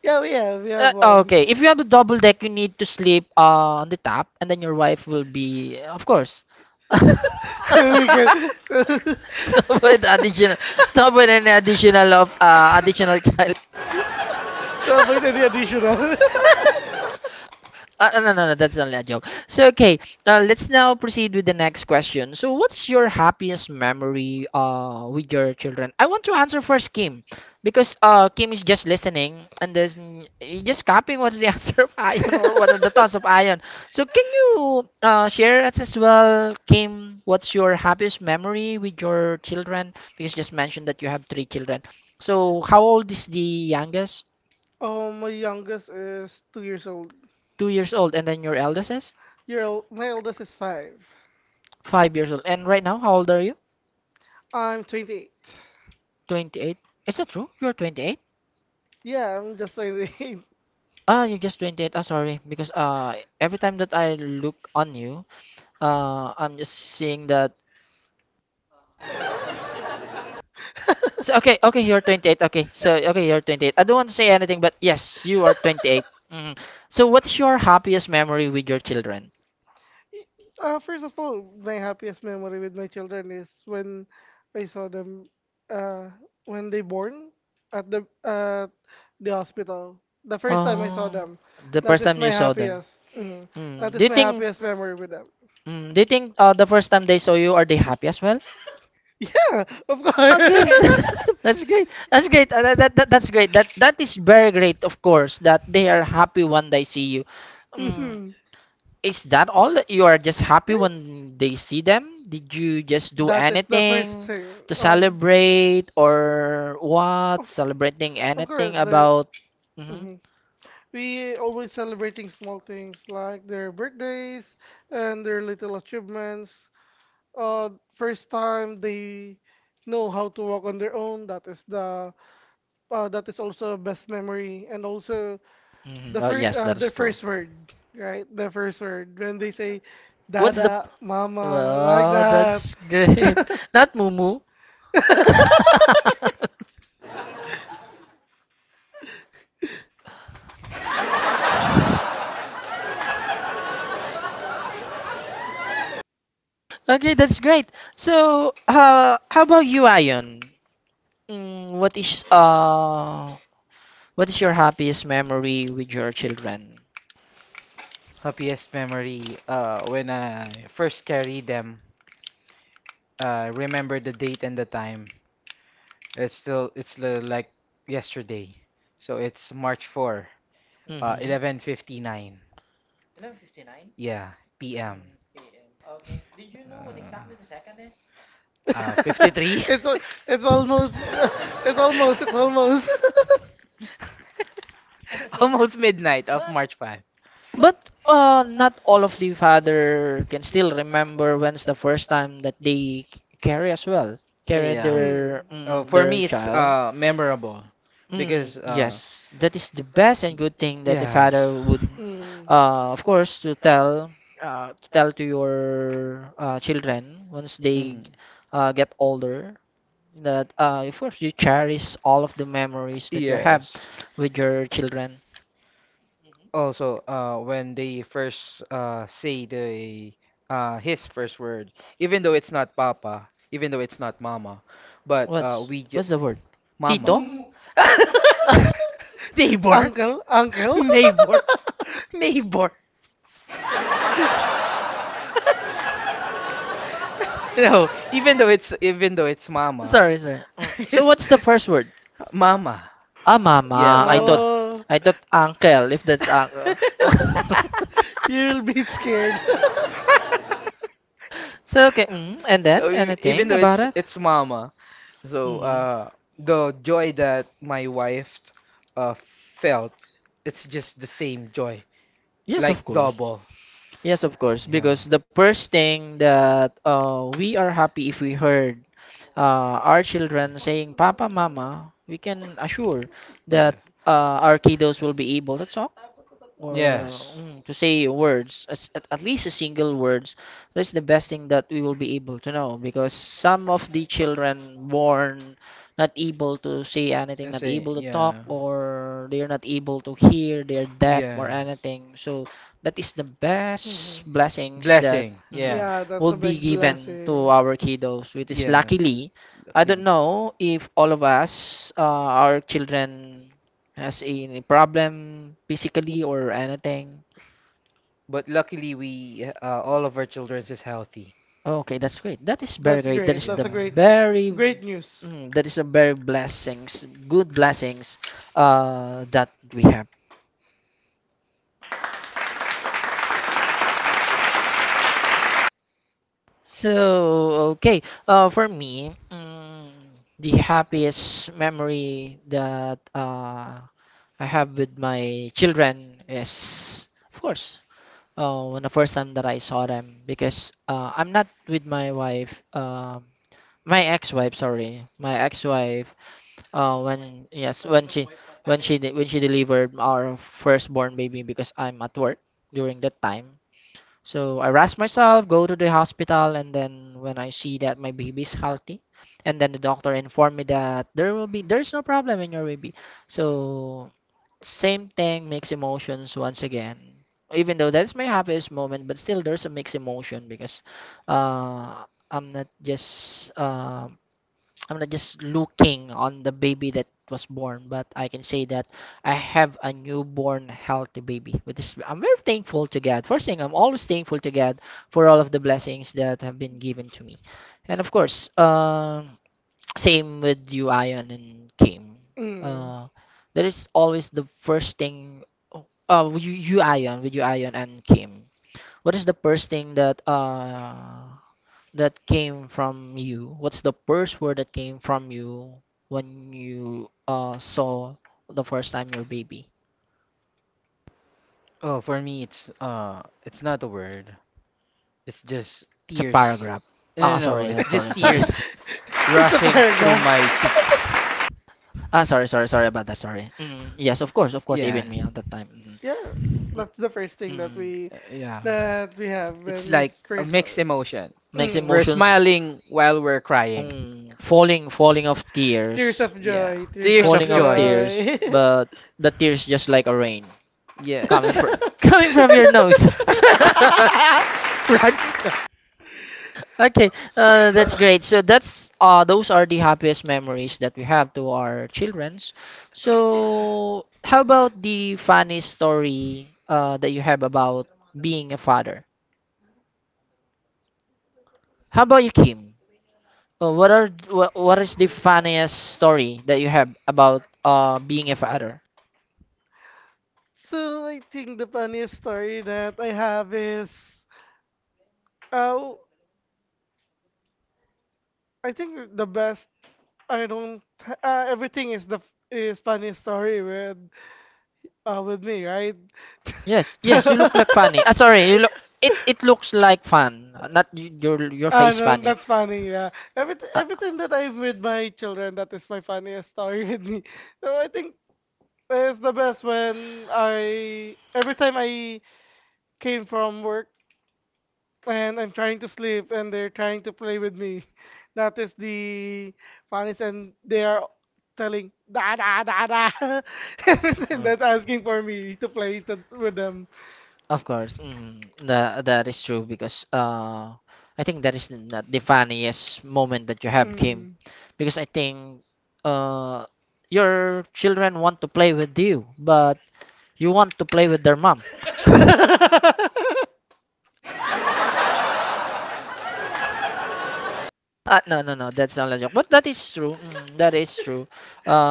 Yeah, we have Oh, one. okay, if you have a double deck, you need to sleep, on the top, and then your wife will be, of course. So we can. Don't additional, don't any additional of, additional child. So, na ni additional. No, no, no, no, that's only a joke. So, okay, let's now proceed with the next question. So, what's your happiest memory, with your children? I want to answer first Kim, because, Kim is just listening and there's just copying what's the Just answer of Ion or what are the thoughts of Ion. So, can you, share us as well, Kim, what's your happiest memory with your children? Because you just mentioned that you have three children. So, how old is the youngest? Oh, my youngest is 2 years old. 2 years old, and then your eldest is? My eldest is 5. 5 years old. And right now, how old are you? I'm 28. 28. Is that true? You're 28? Yeah, I'm just 28. Ah, you're just 28. Ah, sorry. Because, every time that I look on you, I'm just seeing that. So, okay, okay, you're 28. Okay, so, okay, you're 28. I don't want to say anything, but yes, you are 28. 28. Mhm. So, what's your happiest memory with your children? First of all, my happiest memory with my children is when I saw them, uh, when they born at the hospital. The first time I saw Oh, them, the that first is time my you saw them. happiest. Mhm. That Mm. is Do you my think, happiest memory with them. mm, do you think uh, the first time they saw you, are they happy as well? Yeah, of course. Okay, that's great. That's great. That's great. That is very great, of course, that they are happy when they see you. Um, Hmm. is that all? That You are just happy when Yes. they see them? Did you just do That is the first anything thing. to celebrate or what? of, Celebrating of course, anything the. about? hmm Mhm. We always celebrating small things like their birthdays and their little achievements. First time they know how to walk on their own. That is also best memory, and also the Oh first, yes, that the is true. first word, right? The first word when they say What's the? "dada," "mama," like Oh, that. that's great. Not Mumu. Okay, that's great. So, how about you, Ion? Mm, what is uh, what is your happiest memory with your children? Happiest memory, when I first carried them, remember the date and the time. It's still like yesterday. So it's March 4, Mm-hmm. 11:59. Yeah, 53? It's al- it's almost it's almost. Almost midnight, March 5. Correct. But, not all of the father can still remember when's the first time that they carry as well, carry Mm. their, You, their child. Memorable, because Yes, that is the yes. best and good thing that the father would, Mm. Of course, to tell, to tell to your, children once they, get older, that, of course you cherish all of the memories that you have Yes. with your children. Also, when they first say the his first word, even though it's not Papa, even though it's not Mama, but uh, What's we ju what's the word? Tito? Mama. Neighbor, Uncle, uncle. neighbor, neighbor. No, even though it's Mama, Sorry, sorry. Mm. So it's what's the first word? Mama. Ah, Yeah, mama. I thought Oh. I thought uncle. If that's uncle. You'll be scared. So okay. Mm. And then anything about it? it's mama, so hmm the joy that my wife uh, felt, it's just the same joy, Yes, like, of of course, course. double. Yes, of course. Because the first thing that, we are happy if we heard, our children saying, Papa, Mama, we can assure that, Yes. Our kiddos will be able to talk, Uh, or, yes. To say words, as, at least a single words. That's the best thing that we will be able to know because some of the children born not able to say anything, I not able to talk, or they're not able to hear, they're deaf or anything. So that is the best Mhm. blessings that, Mhm, Yeah, Yeah, that's will a be big given blessing. to our kiddos, which is luckily, I don't know if all of us, our children has any problem physically or anything. but luckily we, all of our children is healthy. Okay, that's great. That is very That's great. Great. That's a great, great news. That is a very blessings, good blessings, that we have. So, okay, for me, the happiest memory that, I have with my children is, of course, when the first time that I saw them, because, I'm not with my wife, my ex-wife, sorry, my ex-wife. When, yes, when she delivered our firstborn baby, because I'm at work during that time. So I rest myself, go to the hospital, and then when I see that my baby is healthy, and then the doctor informed me that there will be there's no problem in your baby. So same thing, mixed emotions once again. Even though that's my happiest moment, but still there's a mixed emotion because, uh, I'm not just um I'm not just looking on the baby that was born, but I can say that I have a newborn healthy baby, which is I'm very thankful to God. First thing, I'm always thankful to God for all of the blessings that have been given to me, and of course, same with you, Ion and Kim. Mm. Uh, that is always the first thing. Oh, with you, Ion and Kim. What is the first thing that that came from you? What's the first word that came from you when you saw the first time your baby? Oh, for me, it's not a word. It's just It's a tears. Paragraph. paragraph. No. Ah, no, Ah, no. sorry, It's It's just sorry, sorry. tears. a My paragraph. cheeks. Ah, sorry, sorry, sorry about that. Sorry. Mm, yes, of course, of course. Even me at that time. Mm. Yeah, N- that's the first thing mm. Yeah. that we have when we Like first saw it. emotion. Makes Mm. emotions. Smiling while we're crying. Mm, falling of Tears tears. of joy, tears of Falling of tears, joy. but the tears just like a rain Yeah. coming from coming from your nose. Run it now. Okay, that's great. So that's those are the happiest memories that we have to our childrens. So how about the funny story that you have about being a father? How about you, Kim? What is the funniest story that you have about being a father? So I think the funniest story that I have is, uh, I think the best. I don't. Everything is is funny story with me, right? Yes, yes, you look like funny. Ah, sorry, you look it it looks like fun, not your Ah, face no, funny. that's funny. Yeah, Uh, everything that I'm with my children, that is my funniest story with me. So I think it's the best when I every time I came from work and I'm trying to sleep and they're trying to play with me. That is the funniest, and they are telling da da da da everything that asking for Okay. me to play to, with them. Of course, mm, that is true because I think that is not the funniest moment that you have, mm, Kim, because I think uh, your children want to play with you, but you want to play with their mom. No, no, no, that's not a joke. But that is true. Mm, that is true.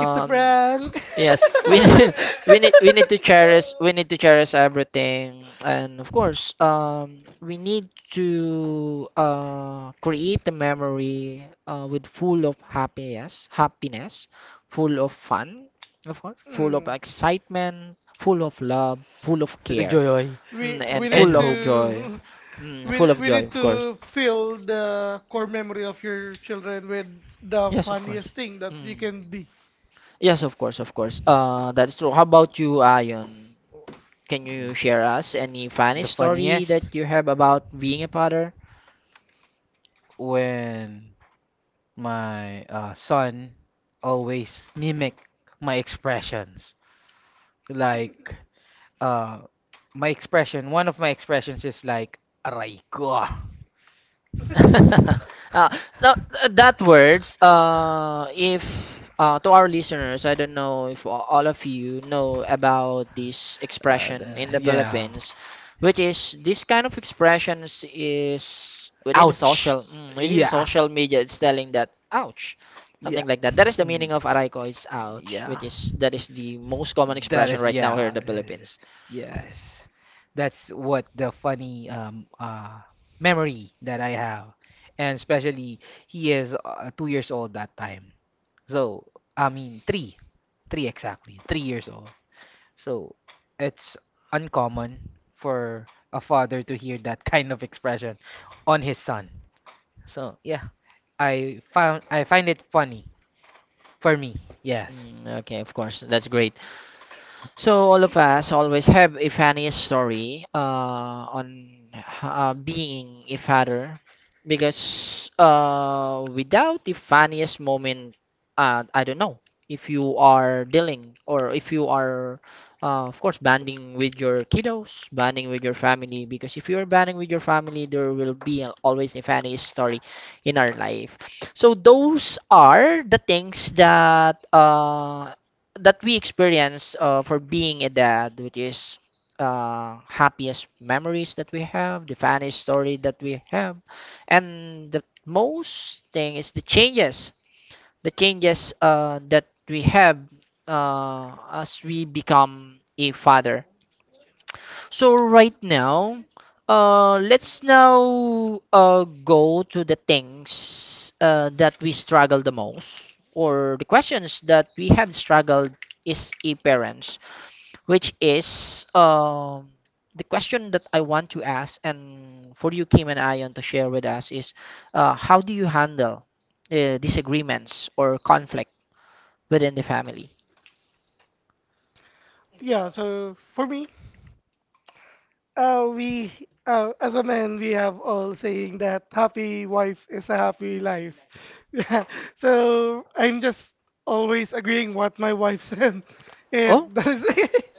it's a prank. yes, We we need to cherish everything, and of course, we need to create a memory with full of happiness, happiness, full of fun, of course, full of Mm. excitement, full of love, full of care, Joy. Mm, We and we need full of joy. to Mm, full of we joy, need of course. to fill the core memory of your children with the Yes, of funniest course. thing that you Mm. can be. Yes, of course, of course. That is true. How about you, Ayon? Can you share us any funny story that you have about being a father? when my son always mimic my expressions. Like, uh, my expression, one of my expressions is like aray ko. uh, no, that words if to our listeners, I don't know if all of you know about this Uh, the, expression in the yeah. Philippines, which is this kind of expressions is Ouch. Within Yeah. social media. It's telling that ouch, Yeah. something like that. That is the Something. meaning of Hmm. araiko is ouch, Yeah. which is that is the most common That expression is, right now here in yeah. In the Philippines. yes. That's what the funny memory that I have. And especially he is 2 years old that time. So, I mean three. Three exactly. 3 years old. So, it's uncommon for a father to hear that kind of expression on his son. So, yeah, I find it funny for me, yes. Mm, okay, of course. That's great. So all of us always have a funny story on being a father, because without the funniest moment, I don't know if you are dealing or if you are, of course, bonding with your kiddos, bonding with your family. Because if you are bonding with your family, there will be always a funny story in our life. So those are the things that we experience for being a dad, which is happiest memories that we have, the funniest story that we have, and the most thing is the changes, that we have as we become a father. So right now, let's now go to the things that we struggle the most, or the questions that we have struggled is a parents, which is the question that I want to ask, and for you, Kim and Ion, to share with us is, how do you handle disagreements or conflict within the family? Yeah, so for me. We, as a man, we have all saying that happy wife is a happy life. Yeah. So I'm just always agreeing what my wife said. If Oh, that is,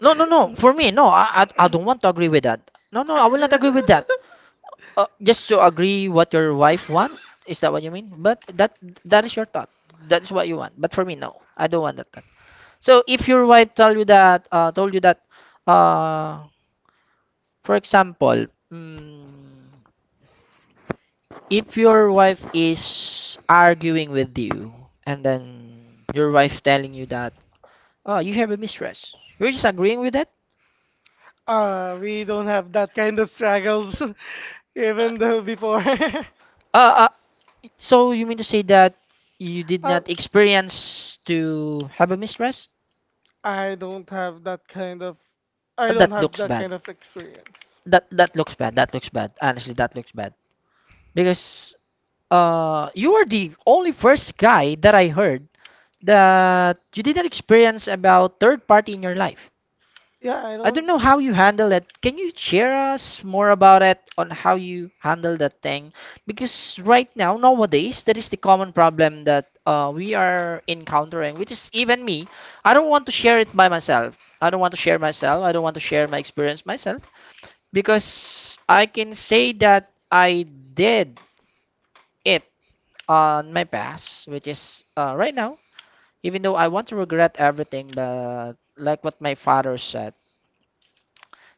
no, no, no. For me, no. I don't want to agree with that. No, no. I will not agree with that. Just to agree what your wife want. Is that what you mean? But that is your thought. That is what you want. But for me, no. I don't want that thought. So if your wife told you that, uh, for example, if your wife is arguing with you, and then your wife telling you that, oh, you have a mistress, you're just agreeing with that. We don't have that kind of struggles, even though before. Uh, uh, So you mean to say that you did Uh, not experience to have a mistress? I don't have that kind of, I don't That have looks that bad. kind of experience. That looks bad. That looks bad. Honestly, that looks bad. Because you were the only first guy that I heard that you didn't experience about third party in your life. Yeah, I I don't. don't know how you handle it. Can you share us more about it on how you handle that thing? Because right now, nowadays, that is the common problem that we are encountering, which is even me. I don't want to share it by myself. I don't want to share myself. I don't want to share my experience myself, because I can say that I did it on my past, which is right now, even though I want to regret everything, but like what my father said.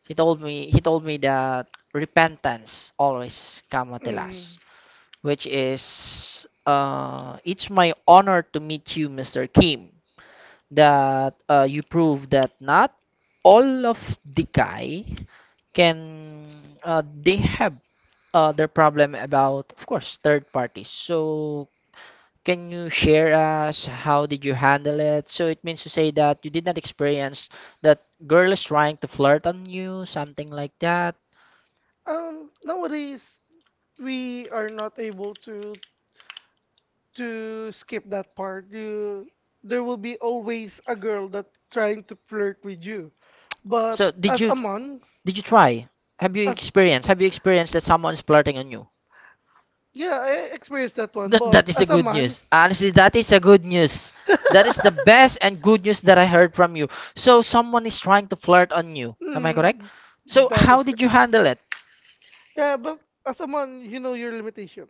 He told me that repentance always come at the last, Mm. which is It's my honor to meet you, Mr. Kim. That you prove that not all of the guy can they have their problem about, of course, third parties. So can you share us how did you handle it? So it means to say that you did not experience that girl is trying to flirt on you, something like that. Nowadays we are not able to skip that part. There will be always a girl that trying to flirt with you. So But did as yeah, you a man, did you try? Have you as experienced? Have you experienced that someone is flirting on you? yeah, I experienced that one. That But is a as not a good man, news. Honestly, that is a good news. That is the best and The good news that I heard from you. So someone is trying to flirt on you. Am I, mhm, correct? Mm, So that how is. did you handle it? Yeah, but as a man, you know your limitation.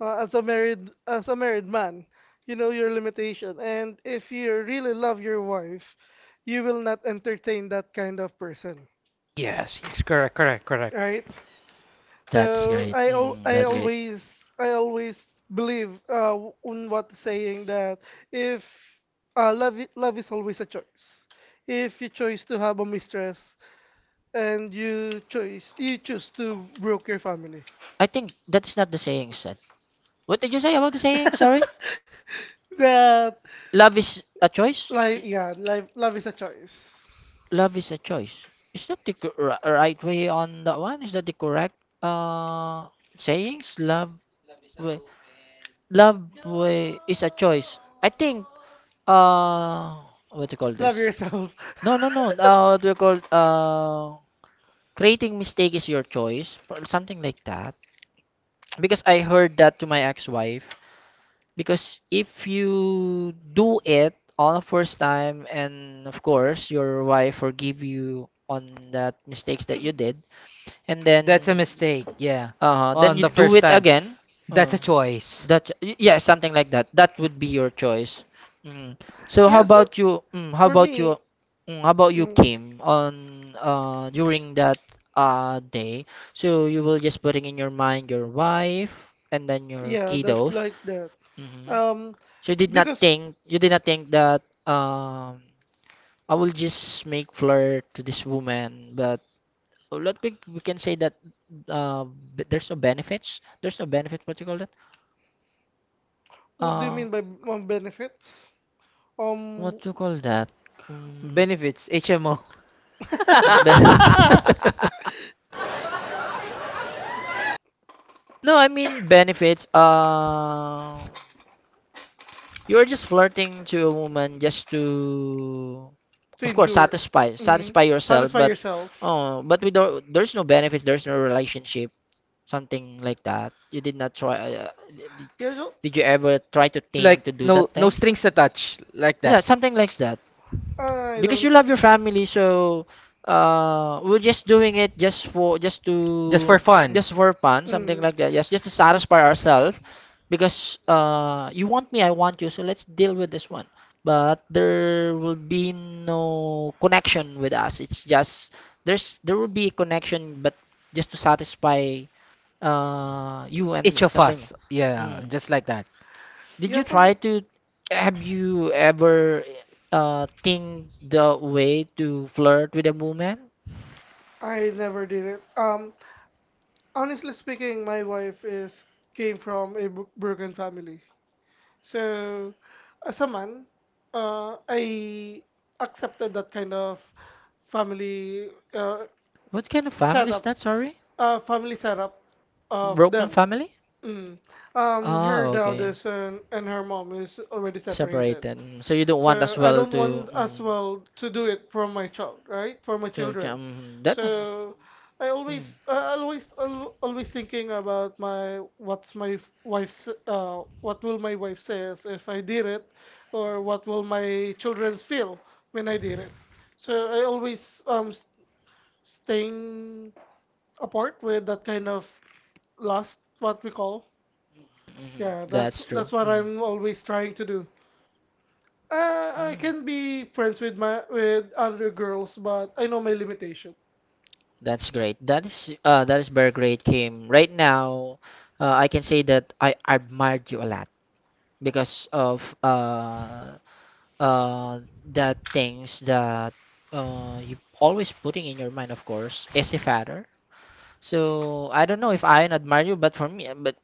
As a married as a married man, you know your limitation. And if you really love your wife, you will not entertain that kind of person, Yes, yes, correct, correct, correct. right? That's So great. Mm, I that's great. always I always believe on what the saying that if, love love is always a choice. If you choose to have a mistress, and you choose to broke your family. I think that is not the saying, said. What did you say about the saying? Sorry. That Love is a choice? like, yeah, life love is a choice. Love is a choice. Is that the right way on that one? Is that the correct uh sayings? Way, love way is a choice. I think uh what do you call Love this? yourself. No, no, no. What do you call creating mistake is your choice or something like that. Because I heard that to my ex-wife. Because if you do it on the first time and of course your wife forgive you on that mistakes that you did, and That's a then mistake, yeah. All then you The. do sometimes it again. That's a choice. Yeah, something like that. That would be your choice. Mm. So how Yes, for about you? Mm, how about me. you? Mm, how about you, Mm. Kim? On During that day, so you will just putting in your mind your wife and then your Yeah, that kiddos. That. like that. Hmm Um, So you did not because think that I will just make flirt to this woman, but let me we can say that uh, there's no benefits. There's no benefits. What you call that? what do you Uh, mean by benefits? Um, what you call that? Will Mm, benefits, mm, HMO. be- no, I mean benefits. You're just flirting to a woman just to, to of course, endure, satisfy Mhm. satisfy yourself. satisfy But yourself. oh, but we don't. There's no benefits. There's no relationship, something like that. You did not try did Yeah, did you ever try to think to Like do no that no thing? strings attached, like. Yeah, something like that, I because you don't. love your family, so we're just doing it just for fun, something Mm. like that. Yes, just to satisfy ourselves, because you want me, I want you, so let's deal with this one. But there will be no connection with us. It's just, there will be a connection, but just to satisfy you and me, something like. Yeah, Mm. just like that. Did Yeah, you for try me, to? Have you ever think the way to flirt with a woman? I never did it. Honestly speaking, my wife is came from a broken family. So, as a man, I accepted that kind of family, uh, What kind of, no, family is setup, that? Sorry, family setup of broken them. family? Mm. Her Oh, dad okay, is an, and her mom is already separated. separated. Mm, so you don't want So as I well don't want as mm, well to do it for my child, right? For my to children. That. So Mm, always thinking about my what's my f- wife's, what will my wife says if I did it, or what will my children feel when I did it. So I always, staying apart with that kind of lust, what we call. mhm, Yeah, that's that's true. that's what Mm. I'm always trying to do. I can be Mm. friends with my with other girls, but I know my limitation. That's great. That is very great, Kim. Right now, I can say that I admired you a lot because of uh the things that you always putting in your mind, of course, as a father. So I don't know if I admire you, but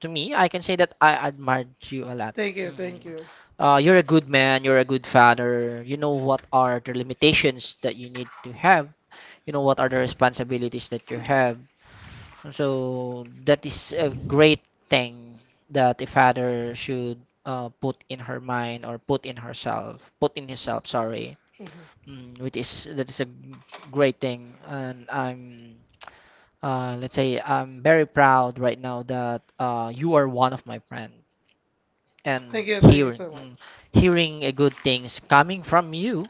to me, I can say that I admired you a lot. Thank you, thank Mhm. you. You're a good man. You're a good father. You know what are the limitations that you need to have. You know what are the responsibilities that you have. So that is a great thing that a father should put in her mind or put in herself, put in himself. Sorry, Mhm. Which is that is a great thing, and I'm let's say I'm very proud right now that you are one of my friend, and Thank you hearing so much. mm, hearing a good things coming from you,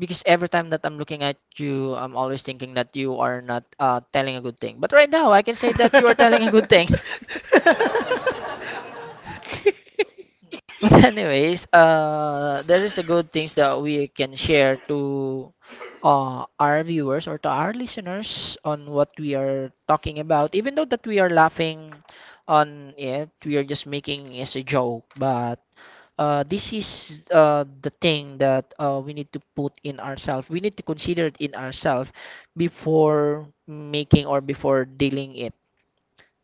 because every time that I'm looking at you, I'm always thinking that you are not telling a good thing. But right now, I can say that you are telling a good thing. But anyways, there is a good things that we can share to our viewers or to our listeners on what we are talking about. Even though that we are laughing on it, we are just making it as a joke. But this is the thing that we need to put in ourselves. We need to consider it in ourselves before making or before dealing it.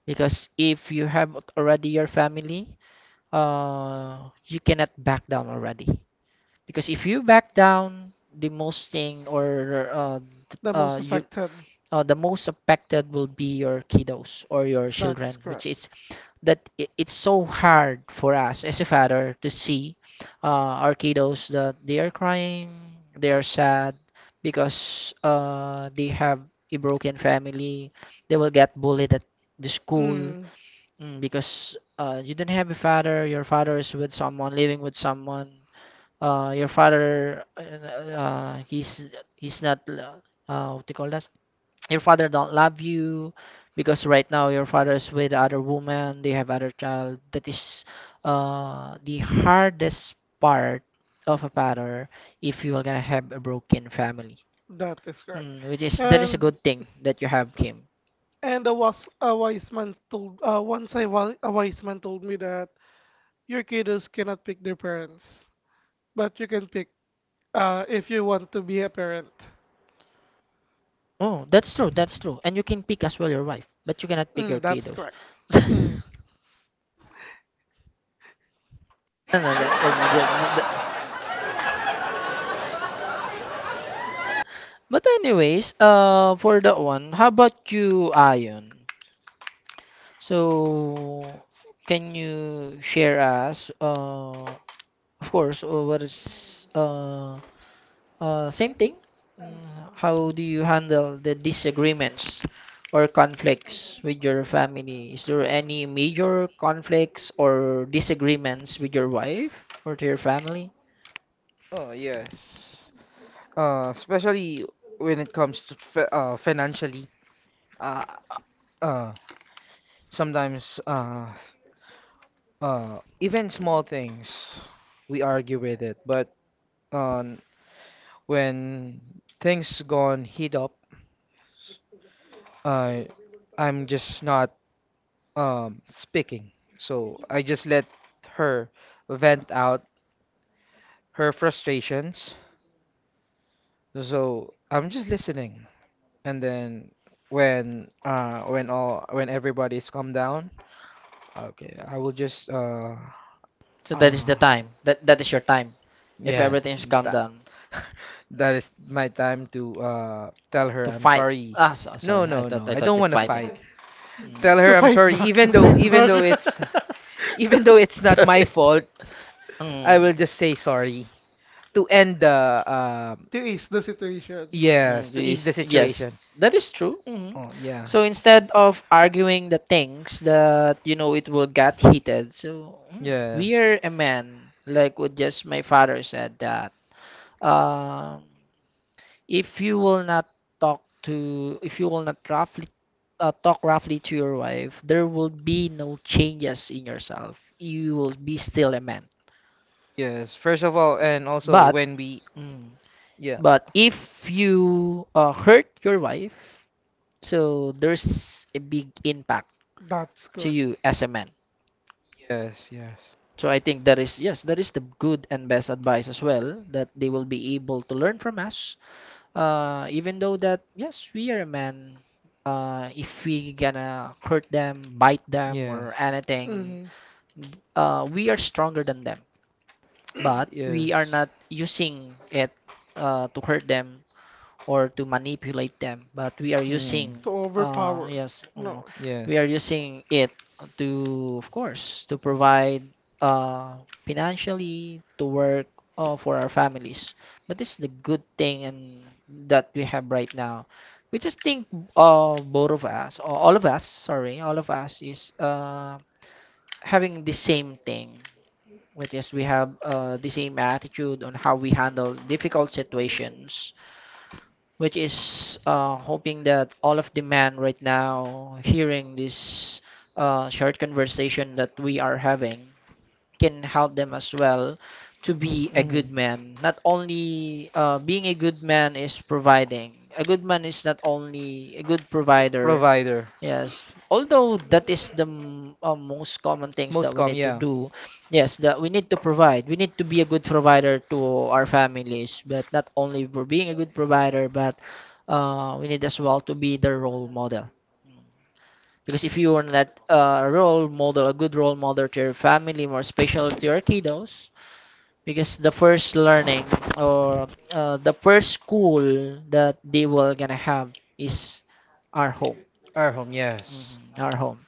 Because if you have already your family, you cannot back down already. Because if you back down, the most thing or The most you affected. The most affected will be your kiddos or your That is children, which correct. is that it's so hard for us as a father to see our kiddos that they are crying, they are sad because they have a broken family, they will get bullied at the school. Mm, Mm, because you don't have a father, your father is with someone, living with someone. Your father, he's not, what do you call that? Your father don't love you because right now your father is with other woman, they have other child. That is the hardest part of a father if you are gonna have a broken family. that is correct. Mm, which is that is a And good thing that you have, Kim. and a was a wise man told once I was a wise man told me that your kiddos cannot pick their parents, but you can pick. If you want to be a parent. Oh, that's true. That's true. And you can pick as well your wife, but you cannot pick Mm, your that's kiddos. correct. No, Mm. no, that's just. But anyways, for that one, how about you, Ion? So, can you share us, of course, what is same thing. How do you handle the disagreements or conflicts with your family? Is there any major conflicts or disagreements with your wife or to your family? Oh, yes. Especially when it comes to financially, uh, uh, sometimes even small things we argue with it, but um, when things gone heat up, I I'm just not speaking. So I just let her vent out her frustrations. So I'm just listening, and then when all when everybody's calmed down. Okay, I will just So uh that is the time. That is your time. If yeah, everything's calmed that down that is my time to tell her to I'm fight. sorry. Ah, so, No, sorry. I no, thought no. I I thought don't you're want to fighting. fight. Tell To her I'm fight sorry, back, to fight Mm. even back. though it's, even though it's not my Sorry. fault, I Mm. Mm. will just say sorry to end the uh, To ease the situation. Mm, Mm, yes, to ease the yes, situation. that is true. Hmm. Oh, yeah. So instead of arguing the things that you know it will get heated, so we Yes. are a man. Like what just my father said that um, if you will not if you will not roughly talk roughly to your wife, there will be no changes in yourself. You will be still a man. Yes, first of all, and also But, when we, mm, yeah, but if you hurt your wife, so there's a big impact That's to correct. you as a man. yes, yes, So I think that is, yes, that is the good and best advice as well, that they will be able to learn from us. Even though that, yes, we are a man, if we gonna hurt them, bite them, or anything, Mm, we are stronger than them. But we are not using it to hurt them. Or to manipulate them, but we are using to uh overpower. yes mm, No. we yes. we are using it to, of course, to provide uh financially to work for our families, but this is the good thing, and that we have right now, we just think both of us or all of us, sorry, all of us is having the same thing, which is we have the same attitude on how we handle difficult situations, which is hoping that all of the men right now hearing this short conversation that we are having can help them as well to be a good man. Not only being a good man is providing. A good man is not only a good provider. Provider. Yes, although that is the most common things that we Com, need to yeah, do. Yes, that we need to provide. We need to be a good provider to our families, but not only for being a good provider, but we need as well to be the role model. Because if you are not a role model, a good role model to your family, more especially to your kiddos, because the first learning or the first school that they will gonna have is our home, our home. Mm. Yes. Mhm, our home.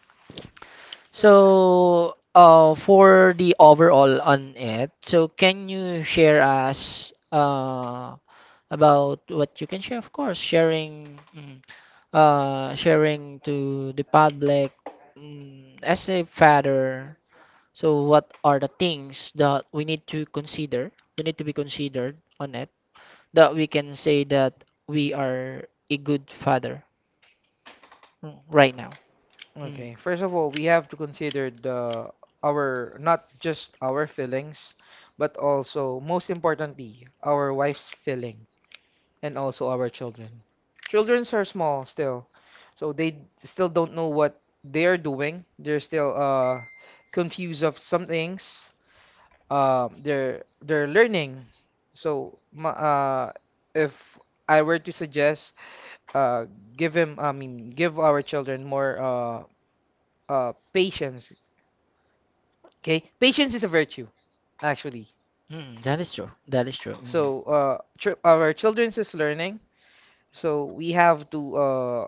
So, for the overall on it, so can you share us about what you can share? Of course, sharing to the public, as a father, so what are the things that we need to consider? We need to be considered on it that we can say that we are a good father right now. Mm. Okay. First of all, we have to consider the our not just our feelings, but also most importantly, our wife's feeling and also our children. Childrens are small still, so they still don't know what they're doing. They're still confused of some things. They're learning. So if I were to suggest, uh, give him, I mean, give our children more patience. Okay, patience is a virtue, actually. Mm, that is true. That is true. So, our children's is learning, so we have to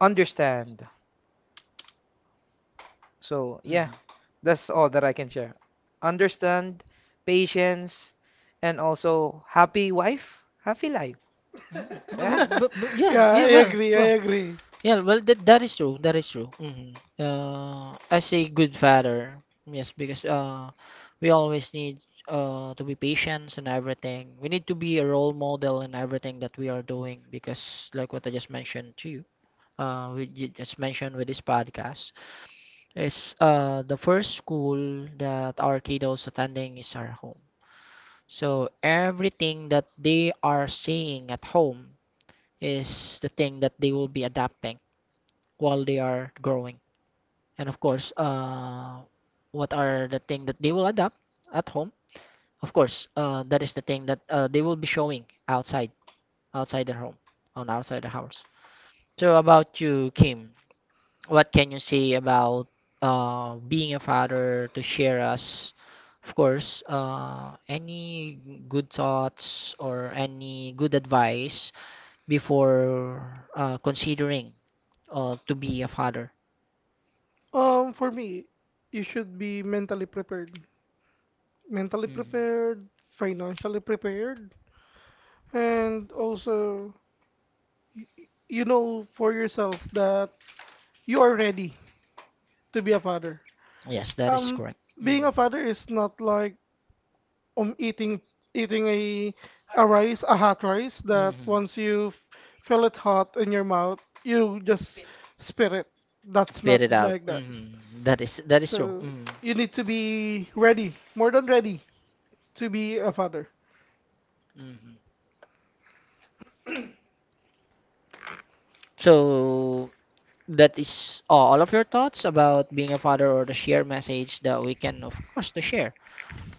understand. So, yeah, Mhm. that's all that I can share. Understand, patience, and also happy wife, happy life. Yeah. Yeah, Yeah, I yeah, agree. I agree. yeah, well, that is true. That is true. Hmm. As a good father, yes, because we always need to be patient and everything. We need to be a role model in everything that we are doing because, like what I just mentioned to you, we just mentioned with this podcast, is the first school that our kiddos attending is our home. So everything that they are seeing at home is the thing that they will be adapting while they are growing. And of course, what are the thing that they will adapt at home? Of course, that is the thing that they will be showing outside, outside their home, on outside the house. So about you, Kim, what can you say about being a father to share us? Of course, any good thoughts or any good advice before considering to be a father. For me, you should be mentally prepared. Mentally Mhm. prepared, financially prepared, and also you know for yourself that you are ready to be a father. Yes, that is Um, correct. Being Mhm. a father is not like, um eating eating a rice, a hot rice that Mhm. once you feel it hot in your mouth, you just spit it. That's Spit not it out. like that. Mhm. That is true. So Mhm. you need to be ready, more than ready, to be a father. Mhm. So that is all of your thoughts about being a father or the share message that we can, of course, to share.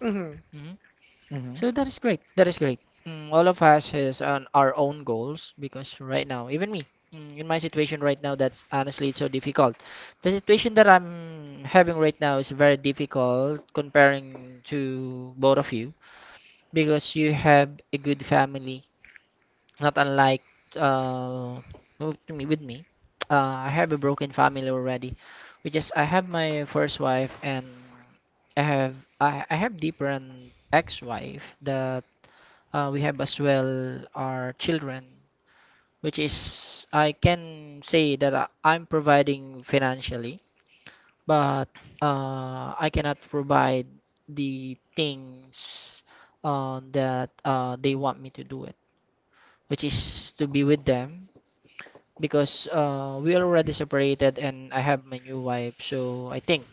Mhm, Hmm. So that is great. That is great. Mm, all of us has on our own goals because right now, even me, in my situation right now, that's honestly it's so difficult. The situation that I'm having right now is very difficult comparing to both of you because you have a good family, not unlike uh with me. With me, I have a broken family already, which is I have my first wife and I have I have different ex-wife that we have as well our children, which is I can say that I'm providing financially, but I cannot provide the things that they want me to do it, which is to be with them because we are already separated and I have my new wife. So I think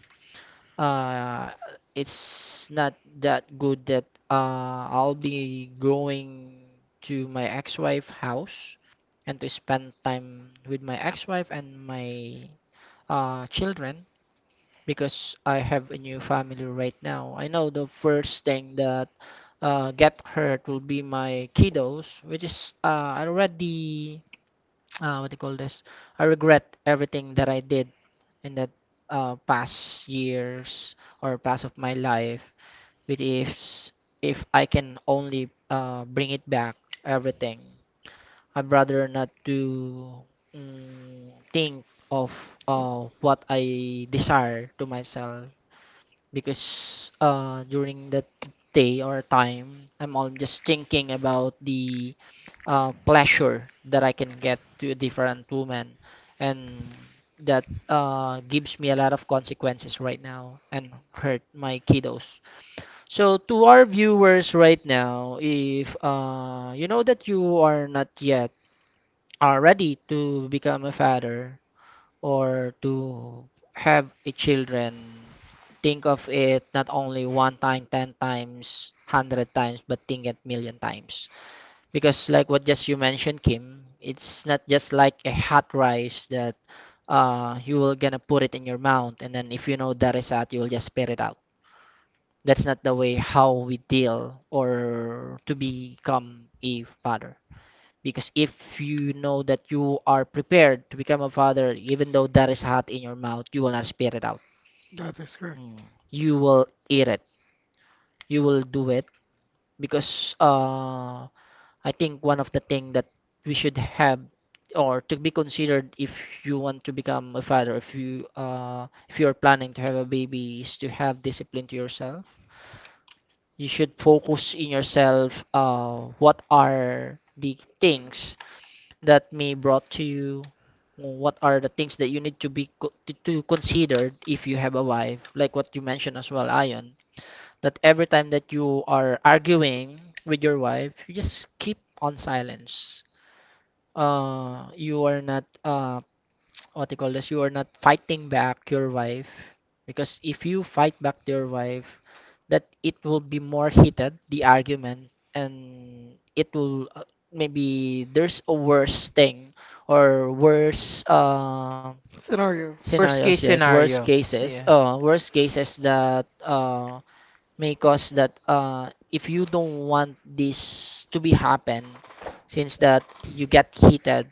uh it's not that good that I'll be going to my ex-wife house and to spend time with my ex-wife and my children because I have a new family right now. I know the first thing that get hurt will be my kiddos, which is I already what do you call this? I regret everything that I did in that past years or past of my life. But if I can only bring it back, everything, I'd rather not to think of what I desire to myself, because during that day or time I'm all just thinking about the pleasure that I can get to a different woman, and that gives me a lot of consequences right now and hurt my kiddos. So to our viewers right now, if you know that you are not yet are ready to become a father, or to have a children, think of it not only one time, 10 times, 100 times, but think it million times, because like what just you mentioned, Kim, it's not just like a hot rice that you will gonna put it in your mouth, and then if you know that is hot, you will just spit it out. That's not the way how we deal or to become a father, because if you know that you are prepared to become a father, even though that is hot in your mouth, you will not spit it out. that is correct. Mm. You will eat it. You will do it because I think one of the thing that we should have or to be considered if you want to become a father, if you are planning to have a baby, is to have discipline to yourself. You should focus in yourself. What are the things that may brought to you? What are the things that you need to to consider if you have a wife, like what you mentioned as well, Ion, that every time that you are arguing with your wife you just keep on silence. You are not what you call this, you are not fighting back your wife, because if you fight back to your wife, that it will be more heated, the argument, and it will maybe there's a worse thing or worse Scenario. scenarios, yes, Yeah. Worse cases that may cause that, if you don't want this to be happen, since that you get heated,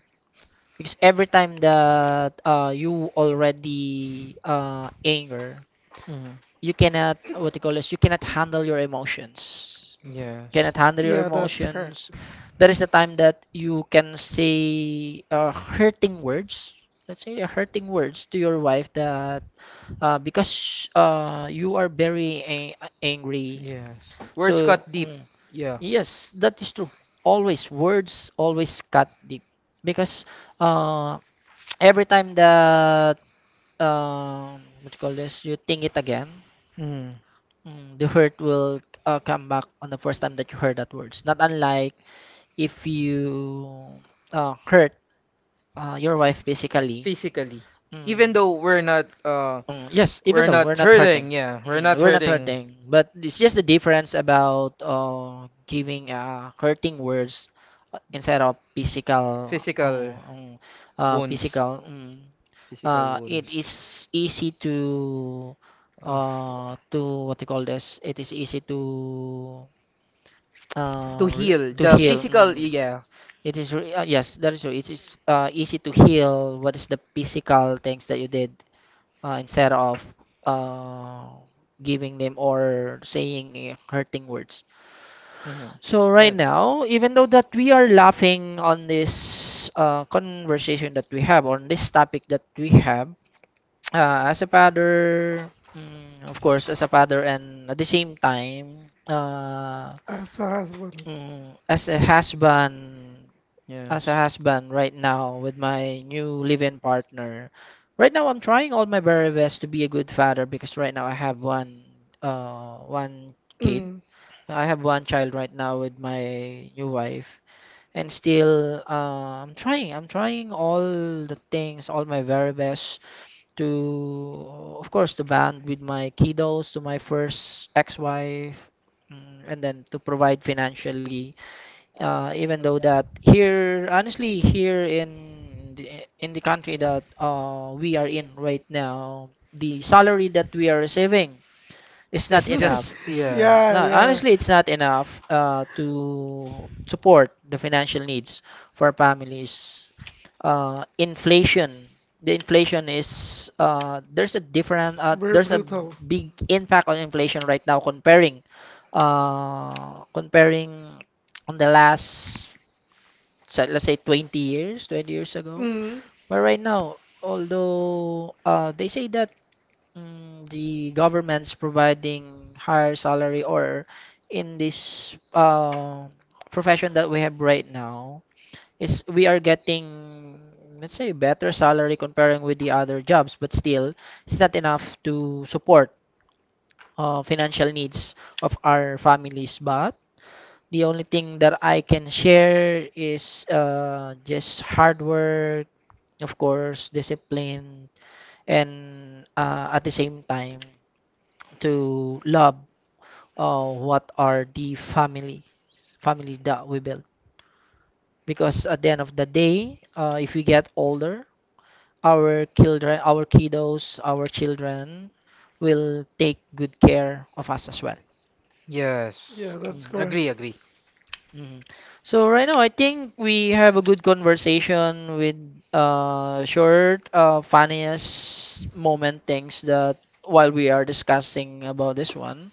because every time that you already anger, Hmm. you cannot what you call this, you cannot handle your emotions. Yes. Cannot handle your Yeah, that's correct. emotions. That is the time that you can say hurting words. Let's say hurting words to your wife that because you are very angry. Yes. So Mm, yes, yeah. that is true. Always words always cut deep because. Uh, every time that what you call this, you think it again. Mm. Mm, the hurt will come back on the first time that you heard that words, not unlike if you hurt your wife basically. Physically. mm, Though we're not uh, mm, Mm, yes, even though not, we're not hurting. yeah, we're yes, Mm, not we're not we're hurting. But it's just the difference about giving hurting words instead of um, physical. um, physical. It is easy to uh, to what you call this? It is easy to heal. Heal, To heal. Mm. yeah. Yes, that is true. It is easy to heal what is the physical things that you did, instead of uh, giving them or saying hurting words. Hmm. So right now, even though that we are laughing on this conversation that we have on this topic that we have, as a father, mm, of course, as a father, and at the same time, I saw as well. mm, as a husband, as a As a, husband right now with my new live-in partner. Right now I'm trying all my very best to be a good father, because right now I have one, one kid. Mm. I have one child right now with my new wife, and still, I'm trying. I'm trying all the things, all my very best to, of course, to bond with my kiddos, to my first ex-wife, mm, and then to provide financially. Even though that here, honestly, here in in the country that we are in right now, the salary that we are receiving. It's not enough. Mm, it's yeah, Yeah, not yeah. honestly, it's not enough to support the financial needs for families. Inflation. The inflation is It's very there's a brutal. big impact on inflation right now, comparing on the last, so let's say 20 years, 20 years ago. Mm. But right now, although they say that, mm, the government's providing higher salary, or in this profession that we have right now, is we are getting, let's say, better salary comparing with the other jobs, but still it's not enough to support financial needs of our families. But the only thing that I can share is just hard work, of course discipline, and at the same time to love what are the families that we build. Because at the end of the day, if we get older, our children, our kiddos, our children will take good care of us as well. yes, Yeah, that's correct. agree. Mhm. So right now I think we have a good conversation with short funniest moment things that while we are discussing about this one.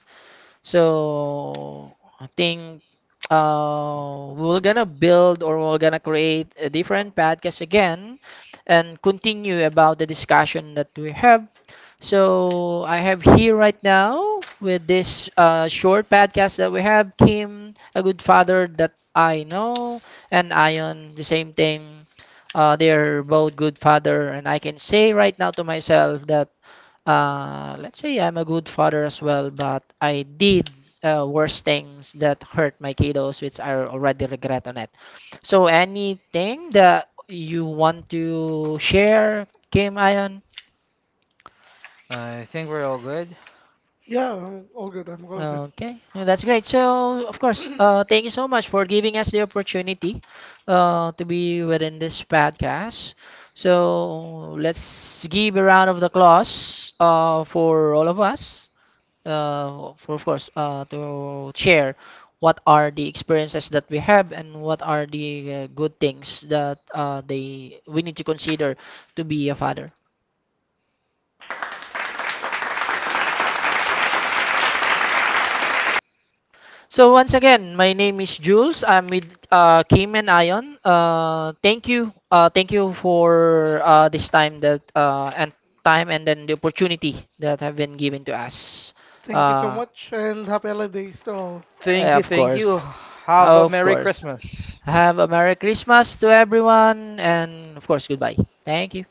So I think we're gonna build, or we're gonna create a different podcast again and continue about the discussion that we have. So I have here right now with this short podcast that we have, Kim, a good father that I know, and Ion, the same thing. They're both good father, and I can say right now to myself that, let's say, I'm a good father as well, but I did worse things that hurt my kiddos, which I already regret on it. So anything that you want to share, Kim, Ion? I think we're all good. Yeah, all good. I'm all good. Okay, well, that's great. So, of course, thank you so much for giving us the opportunity to be within this podcast. So, let's give a round of applause for all of us, for of course to share what are the experiences that we have, and what are the good things that they we need to consider to be a father. So once again, my name is Jules. I'm with Kim and Ion. Thank you, thank you for this time that and time, and then the opportunity that have been given to us. Thank you so Uh, much and happy holidays to all. Thank you, Of thank course. you. Have a, oh, Of Merry course. Christmas. Have a Merry Christmas to everyone, and of course, goodbye. Thank you.